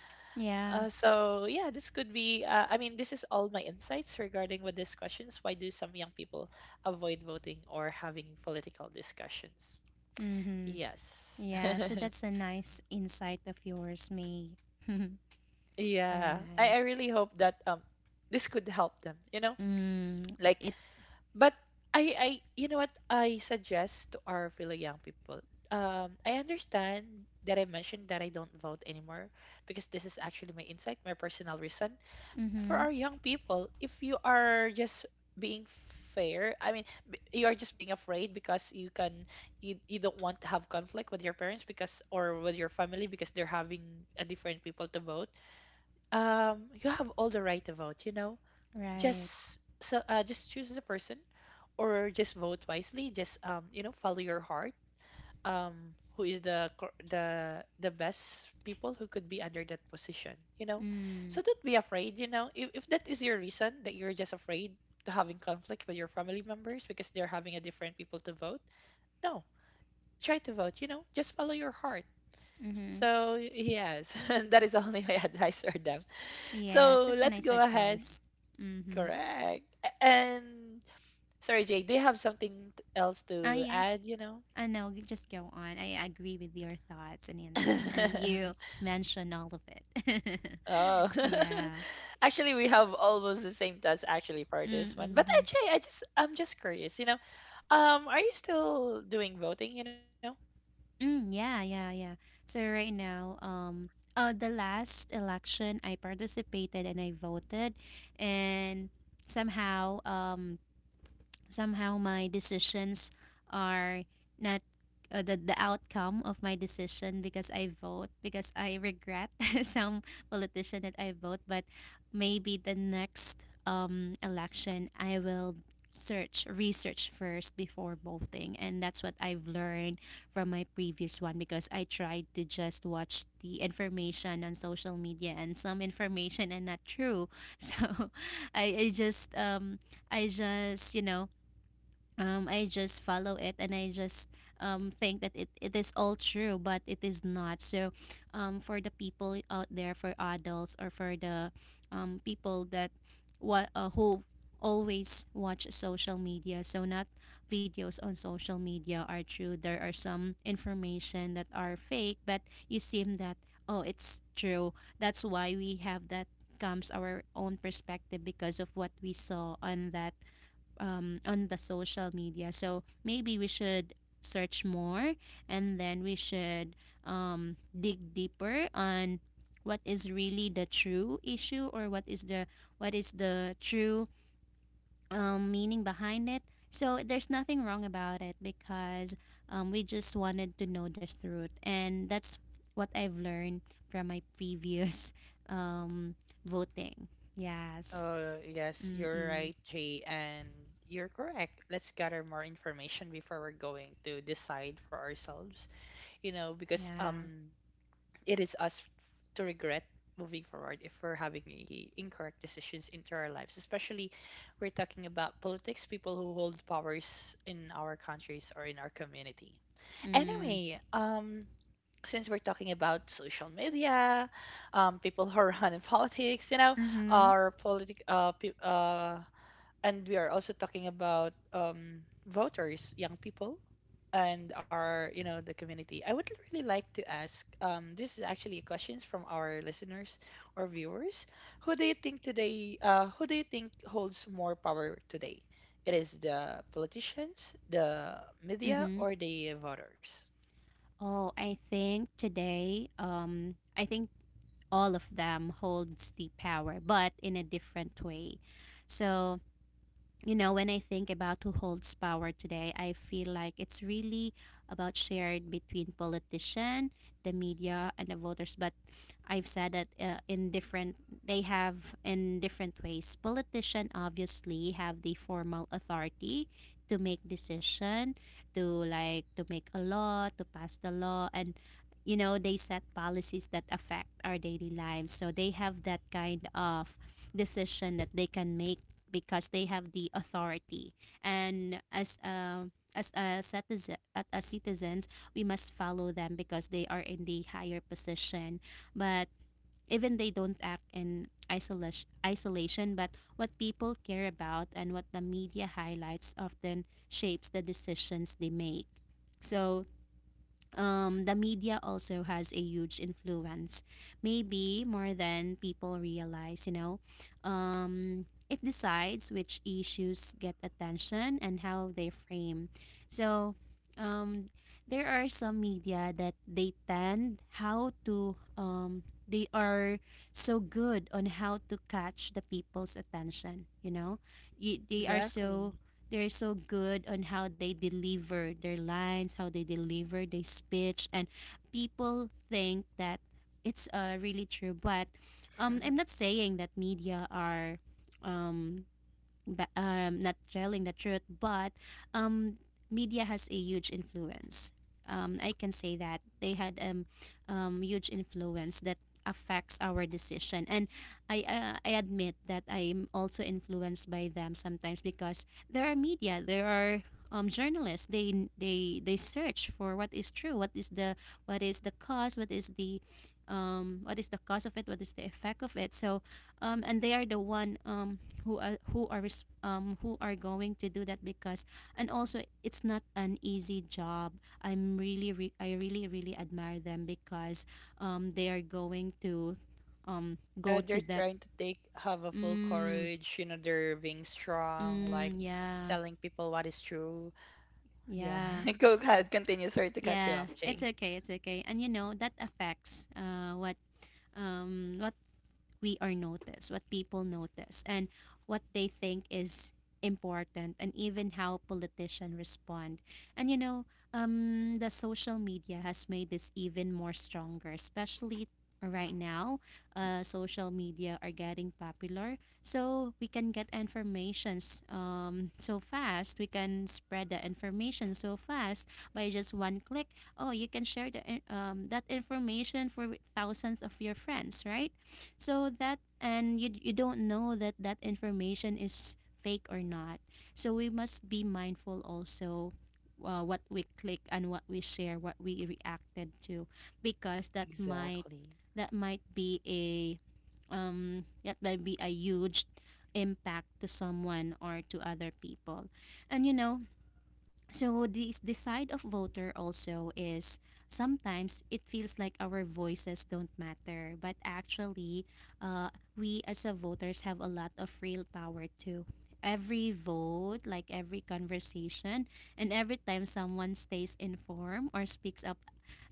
[SPEAKER 1] uh,
[SPEAKER 2] Yeah.
[SPEAKER 1] so yeah, this could be I mean, this is all my insights regarding with these questions, why do some young people avoid voting or having political discussions.
[SPEAKER 2] Mm-hmm.
[SPEAKER 1] Yes.
[SPEAKER 2] Yeah, so that's a nice insight of yours, May.
[SPEAKER 1] Yeah, I
[SPEAKER 2] Right.
[SPEAKER 1] really hope that this could help them,
[SPEAKER 2] Mm,
[SPEAKER 1] like.
[SPEAKER 2] it.
[SPEAKER 1] But I, you know what? I suggest to our fellow young people. I understand that I mentioned that I don't vote anymore, because this is actually my insight, my personal reason. But for our
[SPEAKER 2] Mm-hmm.
[SPEAKER 1] young people, if you are just being fair, I mean, you are just being afraid because you don't want to have conflict with your parents because or with your family, because they're having a different people to vote. You have all the right to vote. You know,
[SPEAKER 2] Right.
[SPEAKER 1] just choose the person, or just vote wisely, just follow your heart, who is the the best people who could be under that position. So
[SPEAKER 2] Mm,
[SPEAKER 1] don't be afraid, if that is your reason, that you're just afraid to having conflict with your family members because they're having a different people to vote. No, try to vote, just follow your heart.
[SPEAKER 2] mm-hmm.
[SPEAKER 1] So, yes. And that is only my advice for them.
[SPEAKER 2] Yes,
[SPEAKER 1] So
[SPEAKER 2] that's a
[SPEAKER 1] let's go
[SPEAKER 2] nice
[SPEAKER 1] ahead,
[SPEAKER 2] advice. Mm-hmm.
[SPEAKER 1] correct, and sorry, Jay, do you have something else
[SPEAKER 2] Ah,
[SPEAKER 1] to add
[SPEAKER 2] yes.
[SPEAKER 1] you know
[SPEAKER 2] Ah, no, just go on. I agree with your thoughts and insight, and you mention all of it.
[SPEAKER 1] Oh.
[SPEAKER 2] Yeah.
[SPEAKER 1] Actually, we have almost the same task actually for
[SPEAKER 2] Mm,
[SPEAKER 1] this one. But
[SPEAKER 2] mm-hmm.
[SPEAKER 1] actually, I'm just curious. Are you still doing voting, you know?
[SPEAKER 2] Mm, yeah, yeah, yeah. So right now, the last election I participated and I voted, and somehow, somehow my decisions are not the outcome of my decision because I vote, because I regret some politician that I vote. But maybe the next election I will search research first before voting, and that's what I've learned from my previous one, because I tried to just watch the information on social media, and some information and not true. So I just I just you know I just follow it, and I just think that it is all true, but it is not. So, for the people out there, for adults, or for the people that what who always watch social media, so not videos on social media are true. There are some information that are fake, but you seem that, oh, it's true. That's why we have that comes our own perspective because of what we saw on that, on the social media. So maybe we should search more, and then we should dig deeper on what is really the true issue, or what is the, what is the true meaning behind it. So there's nothing wrong about it, because we just wanted to know the truth, and that's what I've learned from my previous um, voting. Yes.
[SPEAKER 1] Oh, yes, you're right,
[SPEAKER 2] Mm-mm.
[SPEAKER 1] Jay, and you're correct. Let's gather more information before we're going to decide for ourselves, because
[SPEAKER 2] Yeah.
[SPEAKER 1] it is us to regret moving forward if we're having incorrect decisions into our lives, especially we're talking about politics, people who hold powers in our countries or in our community.
[SPEAKER 2] Mm.
[SPEAKER 1] Anyway, since we're talking about social media, people who run in politics
[SPEAKER 2] Mm-hmm.
[SPEAKER 1] or politic uh, pe- uh and we are also talking about voters, young people, and our you know the community. I would really like to ask. This is actually questions from our listeners or viewers. Who do you think today? Who do you think holds more power today? It is the politicians, the media,
[SPEAKER 2] Mm-hmm.
[SPEAKER 1] or the voters.
[SPEAKER 2] Oh, I think today, I think all of them holds the power, but in a different way. So you know, when I think about who holds power today, I feel like it's really about shared between politician, the media, and the voters. But I've said that in different, they have in different ways. Politician obviously have the formal authority to make decision, to like to make a law, to pass the law, and you know they set policies that affect our daily lives. So they have that kind of decision that they can make because they have the authority. And as a citizen, as citizens, we must follow them because they are in the higher position. But even they don't act in isolation, but what people care about and what the media highlights often shapes the decisions they make. So the media also has a huge influence, maybe more than people realize, you know. It decides which issues get attention and how they frame. So, um, there are some media that they tend how to they are so good on how to catch the people's attention, you know. They are so,
[SPEAKER 1] Exactly.
[SPEAKER 2] they're so good on how they deliver their lines, how they deliver their speech, and people think that it's really true. But I'm not saying that media are um, not telling the truth, but um, media has a huge influence. I can say that they had huge influence that affects our decision, and I admit that I'm also influenced by them sometimes, because there are media, there are journalists. They search for what is true, what is the, what is the cause, what is the cause of it, what is the effect of it. So, and they are the one who are going to do that, because, and also it's not an easy job. I'm I really really admire them, because they are going to go to
[SPEAKER 1] They're
[SPEAKER 2] that.
[SPEAKER 1] trying to take have a full
[SPEAKER 2] Mm.
[SPEAKER 1] courage. They're being strong, like
[SPEAKER 2] Yeah,
[SPEAKER 1] telling people what is true. Yeah.
[SPEAKER 2] yeah.
[SPEAKER 1] Go ahead. Continue. Sorry to cut you
[SPEAKER 2] Yeah,
[SPEAKER 1] off,
[SPEAKER 2] it's
[SPEAKER 1] Jay.
[SPEAKER 2] okay, it's okay. And you know that affects what we are noticed, what people notice, and what they think is important, and even how politicians respond. And you know, the social media has made this even more stronger, especially right now. Social media are getting popular, so we can get informations so fast. We can spread the information so fast by just one click. Oh, you can share the that information for thousands of your friends, right? So that, and you don't know that that information is fake or not. So we must be mindful also what we click and what we share, what we reacted to, because that might,
[SPEAKER 1] Exactly.
[SPEAKER 2] that might be a that might be a huge impact to someone or to other people. And you know, so the side of voter also is sometimes it feels like our voices don't matter, but actually, we as a voters have a lot of real power too. Every vote, like every conversation, and every time someone stays informed or speaks up,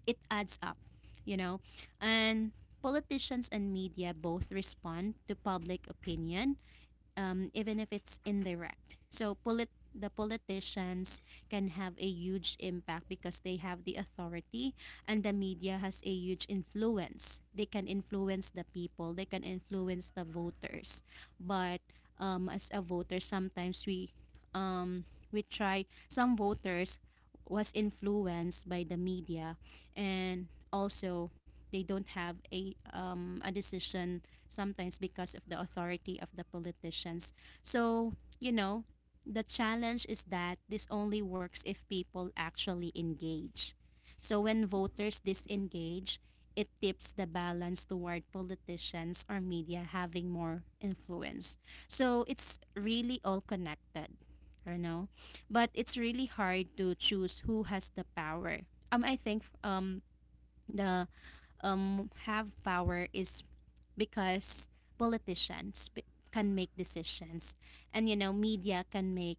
[SPEAKER 2] it adds up, you know, and politicians and media both respond to public opinion, even if it's indirect. So the politicians can have a huge impact because they have the authority, and the media has a huge influence. They can influence the people, they can influence the voters. But as a voter, sometimes we, um, we try, some voters was influenced by the media, and also they don't have a decision sometimes because of the authority of the politicians. So you know, the challenge is that this only works if people actually engage. So when voters disengage, it tips the balance toward politicians or media having more influence. So it's really all connected, you know. But it's really hard to choose who has the power. I think the have power is because politicians can make decisions, and you know, media can make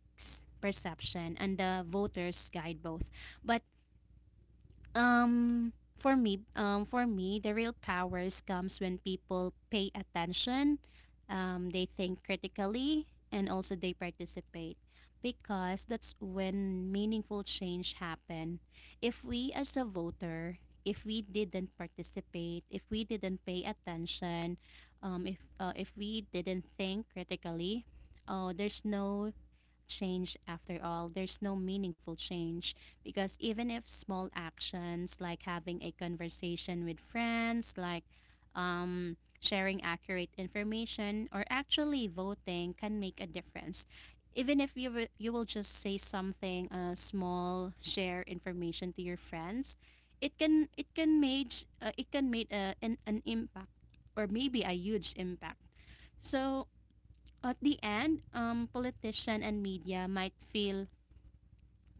[SPEAKER 2] perception, and the voters guide both. But for me, the real powers comes when people pay attention, they think critically, and also they participate, because that's when meaningful change happen. If we as a voter, if we didn't participate, if we didn't pay attention, if we didn't think critically, oh, there's no change after all. There's no meaningful change, because even if small actions like having a conversation with friends, like sharing accurate information, or actually voting can make a difference. Even if you will just say something small, share information to your friends, it can make an impact or maybe a huge impact. So at the end, politician and media might feel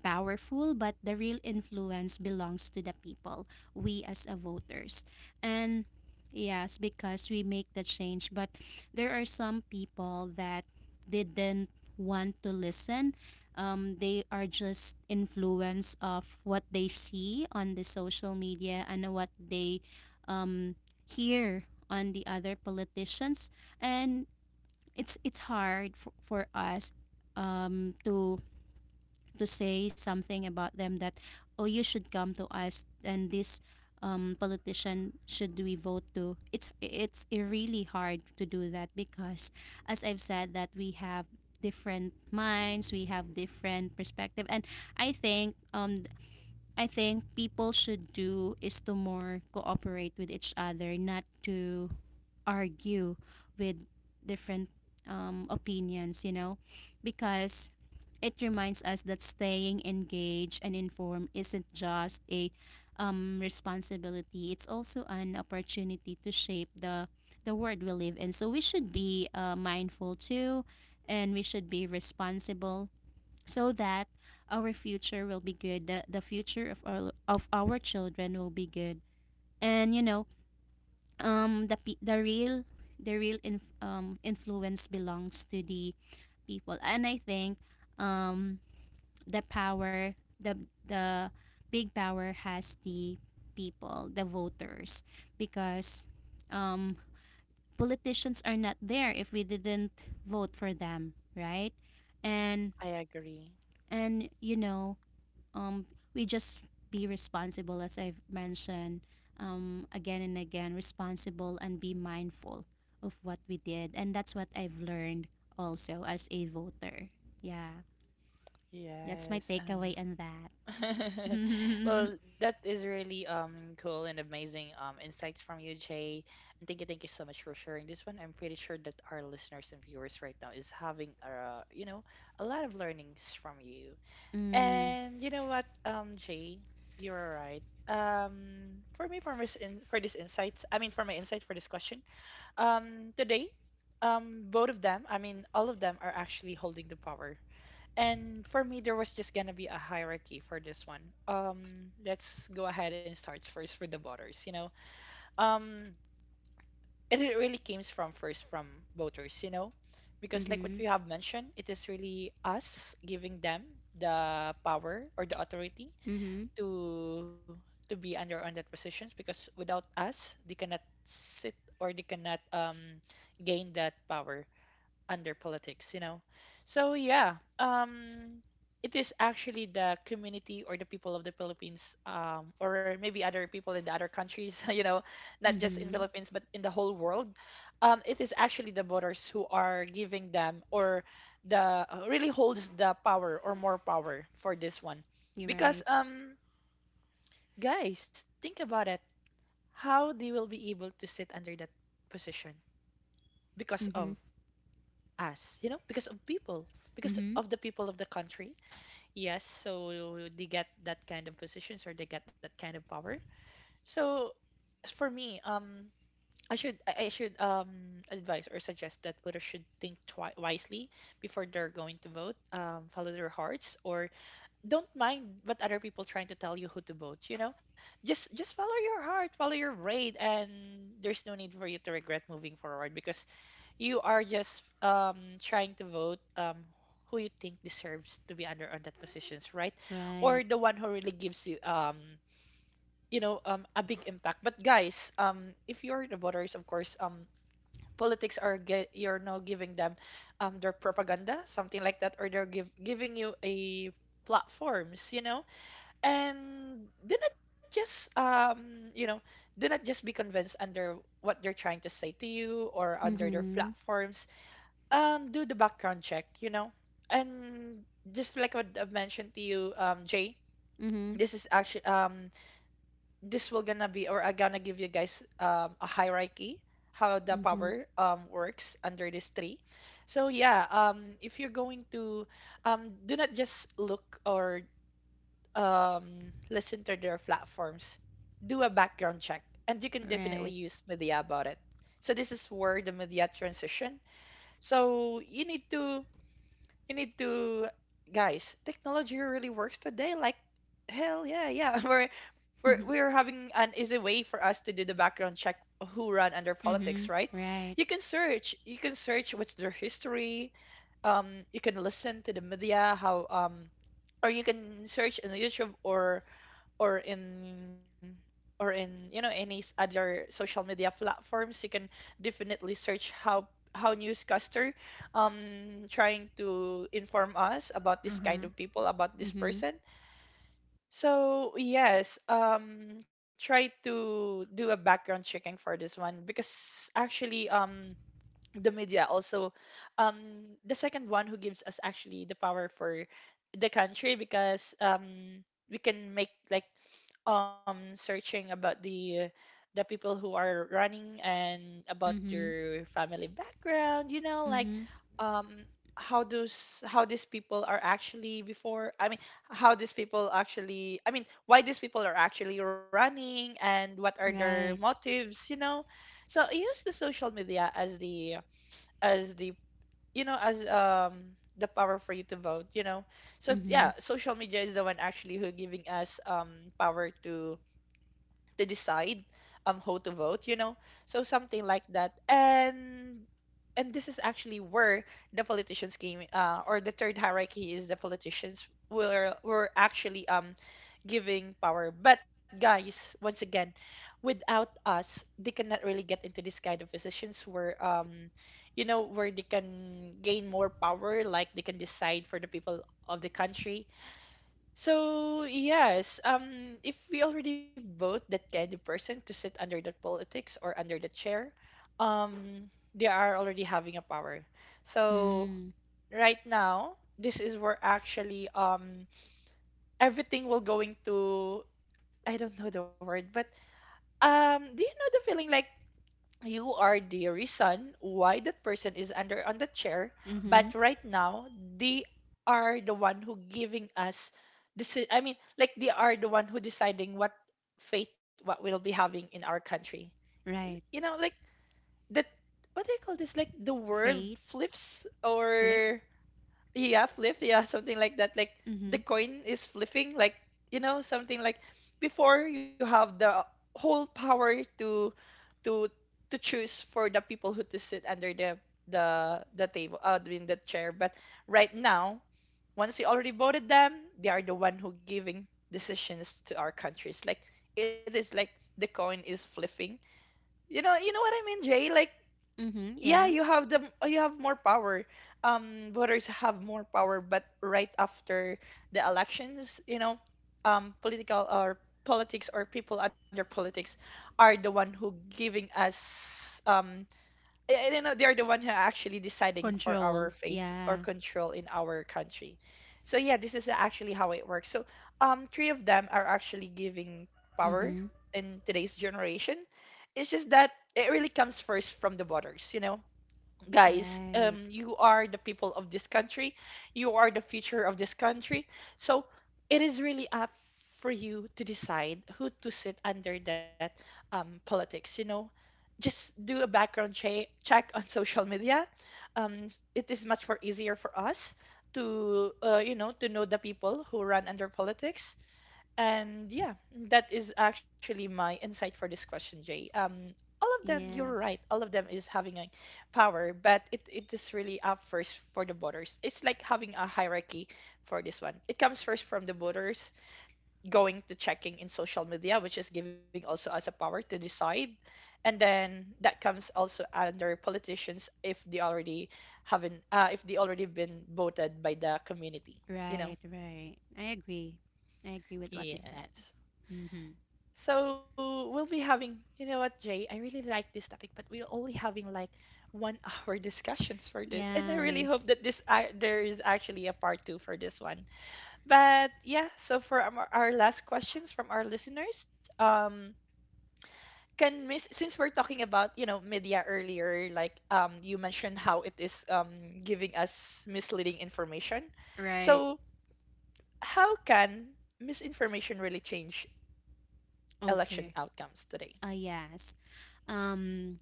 [SPEAKER 2] powerful, but the real influence belongs to the people, we as a voters. And yes, because we make the change, but there are some people that didn't want to listen. They are just influenced of what they see on the social media, and what they um, hear on the other politicians. And it's hard for us um to to say something about them that oh, you should come to us, and this politician should we vote to. It's really hard to do that because as I've said that we have different minds, we have different perspective. And I think I think people should do is to more cooperate with each other, not to argue with different opinions, because it reminds us that staying engaged and informed isn't just a responsibility, it's also an opportunity to shape the world we live in. So we should be mindful too, and we should be responsible, so that our future will be good, the future of of our children will be good. And you know, the pe- the real inf- influence belongs to the people. And I think um the power the the big power has the people, the voters, because um politicians are not there if we didn't vote for them, right? and
[SPEAKER 1] I agree.
[SPEAKER 2] and you know, um, we just be responsible, as I've mentioned again and again, responsible and be mindful of what we did. And that's what I've learned also as a voter. Yeah, that's my
[SPEAKER 1] Yes, and
[SPEAKER 2] takeaway on that. mm,
[SPEAKER 1] well, that is really cool and amazing insights from you, Jay. And thank you so much for sharing this one. I'm pretty sure that our listeners and viewers right now is having a lot of learnings from you.
[SPEAKER 2] mm-hmm,
[SPEAKER 1] And you know what, Jay, you're right. For me, for this insights, I mean, for my insight for this question. Today, both of them, I mean, all of them are actually holding the power. And for me, there was just gonna be a hierarchy for this one. Let's go ahead and start first with the voters. Um, really comes from first from voters, you know, because like what
[SPEAKER 2] mm-hmm,
[SPEAKER 1] we have mentioned, it is really us giving them the power or the authority to to be under on that positions because without us they cannot sit or they cannot gain that power under politics, you know. So yeah, it is actually the community or the people of the Philippines, or maybe other people in the other countries you know, not just in
[SPEAKER 2] mm-hmm.
[SPEAKER 1] Philippines but in the whole world. It is actually the voters who are giving them or the really holds the power or more power for this one
[SPEAKER 2] You're
[SPEAKER 1] because
[SPEAKER 2] right.
[SPEAKER 1] guys, think about it. How they will be able to sit under that position because
[SPEAKER 2] Mm-hmm,
[SPEAKER 1] of us, you know, because of people, because
[SPEAKER 2] mm-hmm.
[SPEAKER 1] of the people of the country. Yes, so they get that kind of positions or they get that kind of power. So for me, I should advise or suggest that voters should think wisely before they're going to vote. Follow their hearts, or don't mind what other people trying to tell you who to vote, you know. Just follow your heart, follow your brain, and there's no need for you to regret moving forward because you are just trying to vote who you think deserves to be under on that positions, right? Or
[SPEAKER 2] Right.
[SPEAKER 1] the one who really gives you you know a big impact. But guys, if you're the voters, of course, politics are get you're now giving them their propaganda, something like that, or they're giving you a platforms, you know. And do not just do not just be convinced under what they're trying to say to you or under their
[SPEAKER 2] Mm-hmm,
[SPEAKER 1] platforms. Do the background check, you know. And just like what I've mentioned to you, jay,
[SPEAKER 2] mm-hmm,
[SPEAKER 1] this is actually, this will gonna be, or I gonna give you guys a hierarchy how the
[SPEAKER 2] mm-hmm.
[SPEAKER 1] power works under these three. So yeah, if you're going to do not just look or listen to their platforms, do a background check, and you can definitely
[SPEAKER 2] Right.
[SPEAKER 1] use media about it. So this is where the media transition. So you need to guys, technology really works today. Like hell yeah, yeah. We're having an easy way for us to do the background check of who run under politics, right?
[SPEAKER 2] mm-hmm,
[SPEAKER 1] You
[SPEAKER 2] right.
[SPEAKER 1] can search. You can search what's their history. You can listen to the media how or you can search on YouTube or in or in, you know, any other social media platforms. You can definitely search how newscaster trying to inform us about this kind
[SPEAKER 2] Uh-huh.
[SPEAKER 1] of people, about this
[SPEAKER 2] Mm-hmm,
[SPEAKER 1] person. So yes, try to do a background checking for this one because actually, the media also, um the second one who gives us actually the power for the country because we can make like searching about the people who are running and about
[SPEAKER 2] mm-hmm,
[SPEAKER 1] their family background, you know, like
[SPEAKER 2] mm-hmm,
[SPEAKER 1] um how these people are actually before, I mean, how these people actually, I mean, why these people are actually running and what are their motives, you know. So I use the social media as the as the you know, as the power for you to vote, you know. So yeah, social media is the one actually who giving us power to decide how to vote, you know. So something like that. And this is actually where the politicians came, or the third hierarchy is the politicians were actually giving power. But guys, once again, without us they cannot really get into this kind of positions where where they can gain more power, like they can decide for the people of the country. So yes, if we already vote that kind of person to sit under the politics or under the chair, they are already having a power. So
[SPEAKER 2] mm-hmm.
[SPEAKER 1] right now, this is where actually everything will going to, I don't know the word, but do you know the feeling like you are the reason why that person is under on the chair. But
[SPEAKER 2] Mm-hmm.
[SPEAKER 1] right now, they are the one who giving us this, I mean, like they are the one who deciding what fate, what we'll be having in our country. You
[SPEAKER 2] Right.
[SPEAKER 1] know, like that. What do you call this, like the world
[SPEAKER 2] Faith.
[SPEAKER 1] flips or yeah, flip, yeah, something like that. Like the
[SPEAKER 2] Mm-hmm.
[SPEAKER 1] coin is flipping, like, you know, something like before you have the whole power to to choose for the people who to sit under the table, I mean the chair. But right now, once you already voted them, they are the one who giving decisions to our countries. Like, it is like the coin is flipping. You know what I mean, Jay? Like
[SPEAKER 2] Mm-hmm.
[SPEAKER 1] yeah,
[SPEAKER 2] Yeah.
[SPEAKER 1] you have more power, voters have more power, but right after the elections, you know, political or politics or people under politics are the one who giving us I don't know, they're the one who are actually deciding for our
[SPEAKER 2] Control.
[SPEAKER 1] fate or
[SPEAKER 2] Yeah.
[SPEAKER 1] control in our country. So yeah, this is actually how it works. So three of them are actually giving power
[SPEAKER 2] Mm-hmm.
[SPEAKER 1] in today's generation. It's just that it really comes first from the voters, you know. Guys,
[SPEAKER 2] Right.
[SPEAKER 1] you are the people of this country, you are the future of this country. So it is really up for you to decide who to sit under that politics, you know. Just do a background check on social media. um, it is much more easier for us to you know, to know the people who run under politics. And yeah, that is actually my insight for this question, Jay. All of them, you're right.
[SPEAKER 2] Yes.
[SPEAKER 1] All of them is having a power, but it is really up first for the voters. It's like having a hierarchy for this one. It comes first from the voters, going to checking in social media, which is giving also us a power to decide. And then that comes also under politicians if they already haven't, if they already been voted by the community, you know?
[SPEAKER 2] Right. Right. I agree. I agree with what you said.
[SPEAKER 1] Yes.
[SPEAKER 2] Mm-hmm.
[SPEAKER 1] So we'll be having, you know what, Jay, I really like this topic, but we're only having like one hour discussions for this. And I really
[SPEAKER 2] Yes.
[SPEAKER 1] hope that this I there is actually a part two for this one. But yeah, so for our last questions from our listeners, can miss since we're talking about, you know, media earlier, like, you mentioned how it is giving us misleading information.
[SPEAKER 2] Right.
[SPEAKER 1] So how can misinformation really change election
[SPEAKER 2] Okay.
[SPEAKER 1] outcomes today?
[SPEAKER 2] Ah, yes. Um,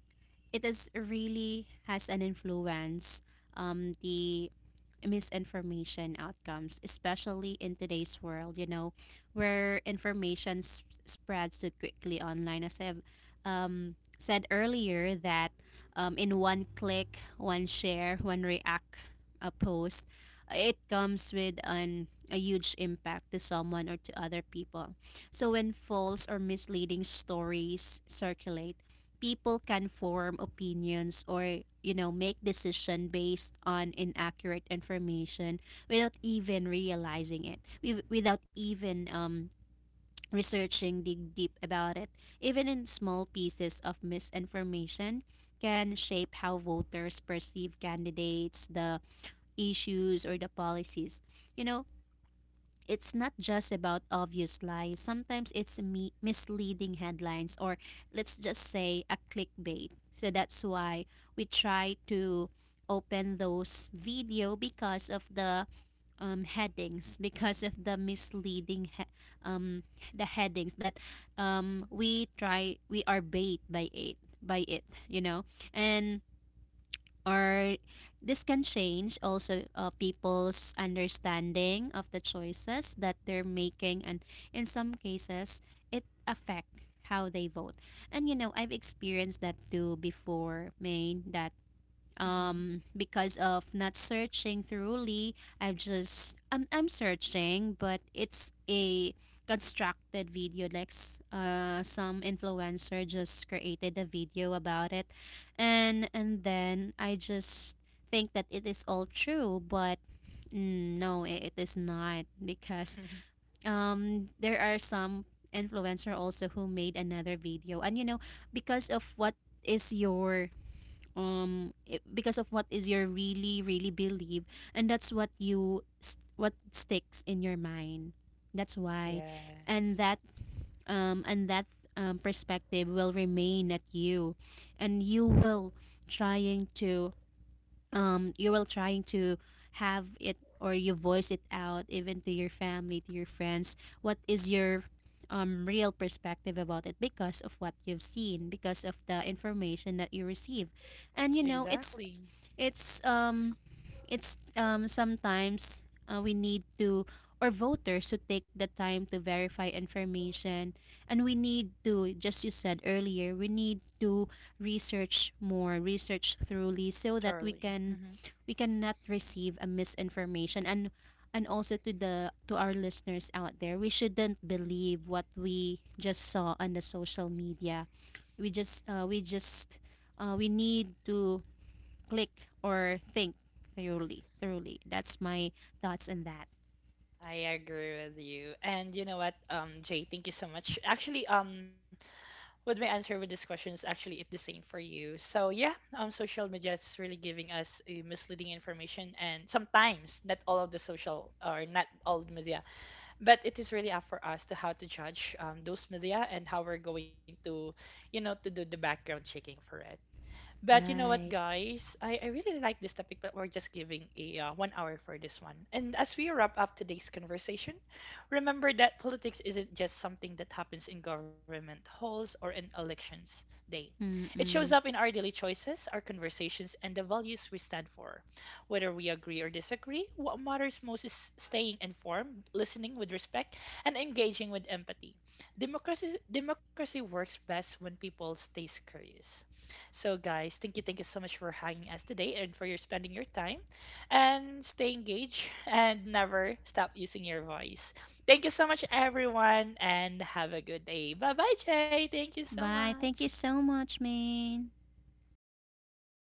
[SPEAKER 2] it is really has an influence. The misinformation outcomes, especially in today's world, you know, where information spreads so quickly online. As I've said earlier, that in one click, one share, one react a post, it comes with a huge impact to someone or to other people. So when false or misleading stories circulate, people can form opinions or you know make decision based on inaccurate information, without even realizing it, without even researching, dig deep about it. Even in small pieces of misinformation can shape how voters perceive candidates, the issues, or the policies, you know. It's not just about obvious lies. Sometimes it's misleading headlines, or let's just say a clickbait. So that's why we try to open those video, because of the headings, because of the headings that we are bait by it, you know. And or this can change also people's understanding of the choices that they're making, and in some cases it affect how they vote. And you know, I've experienced that too before, main that
[SPEAKER 1] Mhm.
[SPEAKER 2] because of not searching thoroughly, I'm searching, but it's a constructed video, like some influencer just created a video about it, and then I just think that it is all true. But mm, no, it is not, because there are some influencer also who made another video. And you know, because of what is your I- because of what is your really really believe, and that's what what sticks in your mind, that's why. And
[SPEAKER 1] Yes,
[SPEAKER 2] that and that perspective will remain at you, and you will trying to you will trying to have it, or you voice it out even to your family, to your friends, what is your real perspective about it, because of what you've seen, because of the information that you receive. And you know,
[SPEAKER 1] exactly.
[SPEAKER 2] it's um it's sometimes we need to, or voters, to take the time to verify information. And we need to, just you said earlier, we need to research more, research thoroughly, so that we
[SPEAKER 1] Charlie.
[SPEAKER 2] can
[SPEAKER 1] Mhm.
[SPEAKER 2] we cannot receive a misinformation. And also to the to our listeners out there, we shouldn't believe what we just saw on the social media. We just we need to click or think thoroughly. That's my thoughts on that.
[SPEAKER 1] I agree with you. And you know what, Jay, thank you so much. Actually, what my answer with this question is actually it's the same for you. So yeah, social media is really giving us misleading information, and sometimes not all of the social or not all media, but it is really up for us to how to judge those media and how we're going to, you know, to do the background checking for it. But you know
[SPEAKER 2] Right.
[SPEAKER 1] what, guys? I really like this topic, but we're just giving a 1 hour for this one. And as we wrap up today's conversation, remember that politics isn't just something that happens in government halls or in elections day. It shows
[SPEAKER 2] Mm-mm.
[SPEAKER 1] up in our daily choices, our conversations, and the values we stand for. Whether we agree or disagree, what matters most is staying informed, listening with respect, and engaging with empathy. Democracy works best when people stays curious. So, guys, thank you so much for hanging us today and for your spending your time. And stay engaged and never stop using your voice. Thank you so much, everyone, and have a good day. Bye bye, Jay. Thank you so
[SPEAKER 2] Bye,
[SPEAKER 1] much.
[SPEAKER 2] thank you so much, man.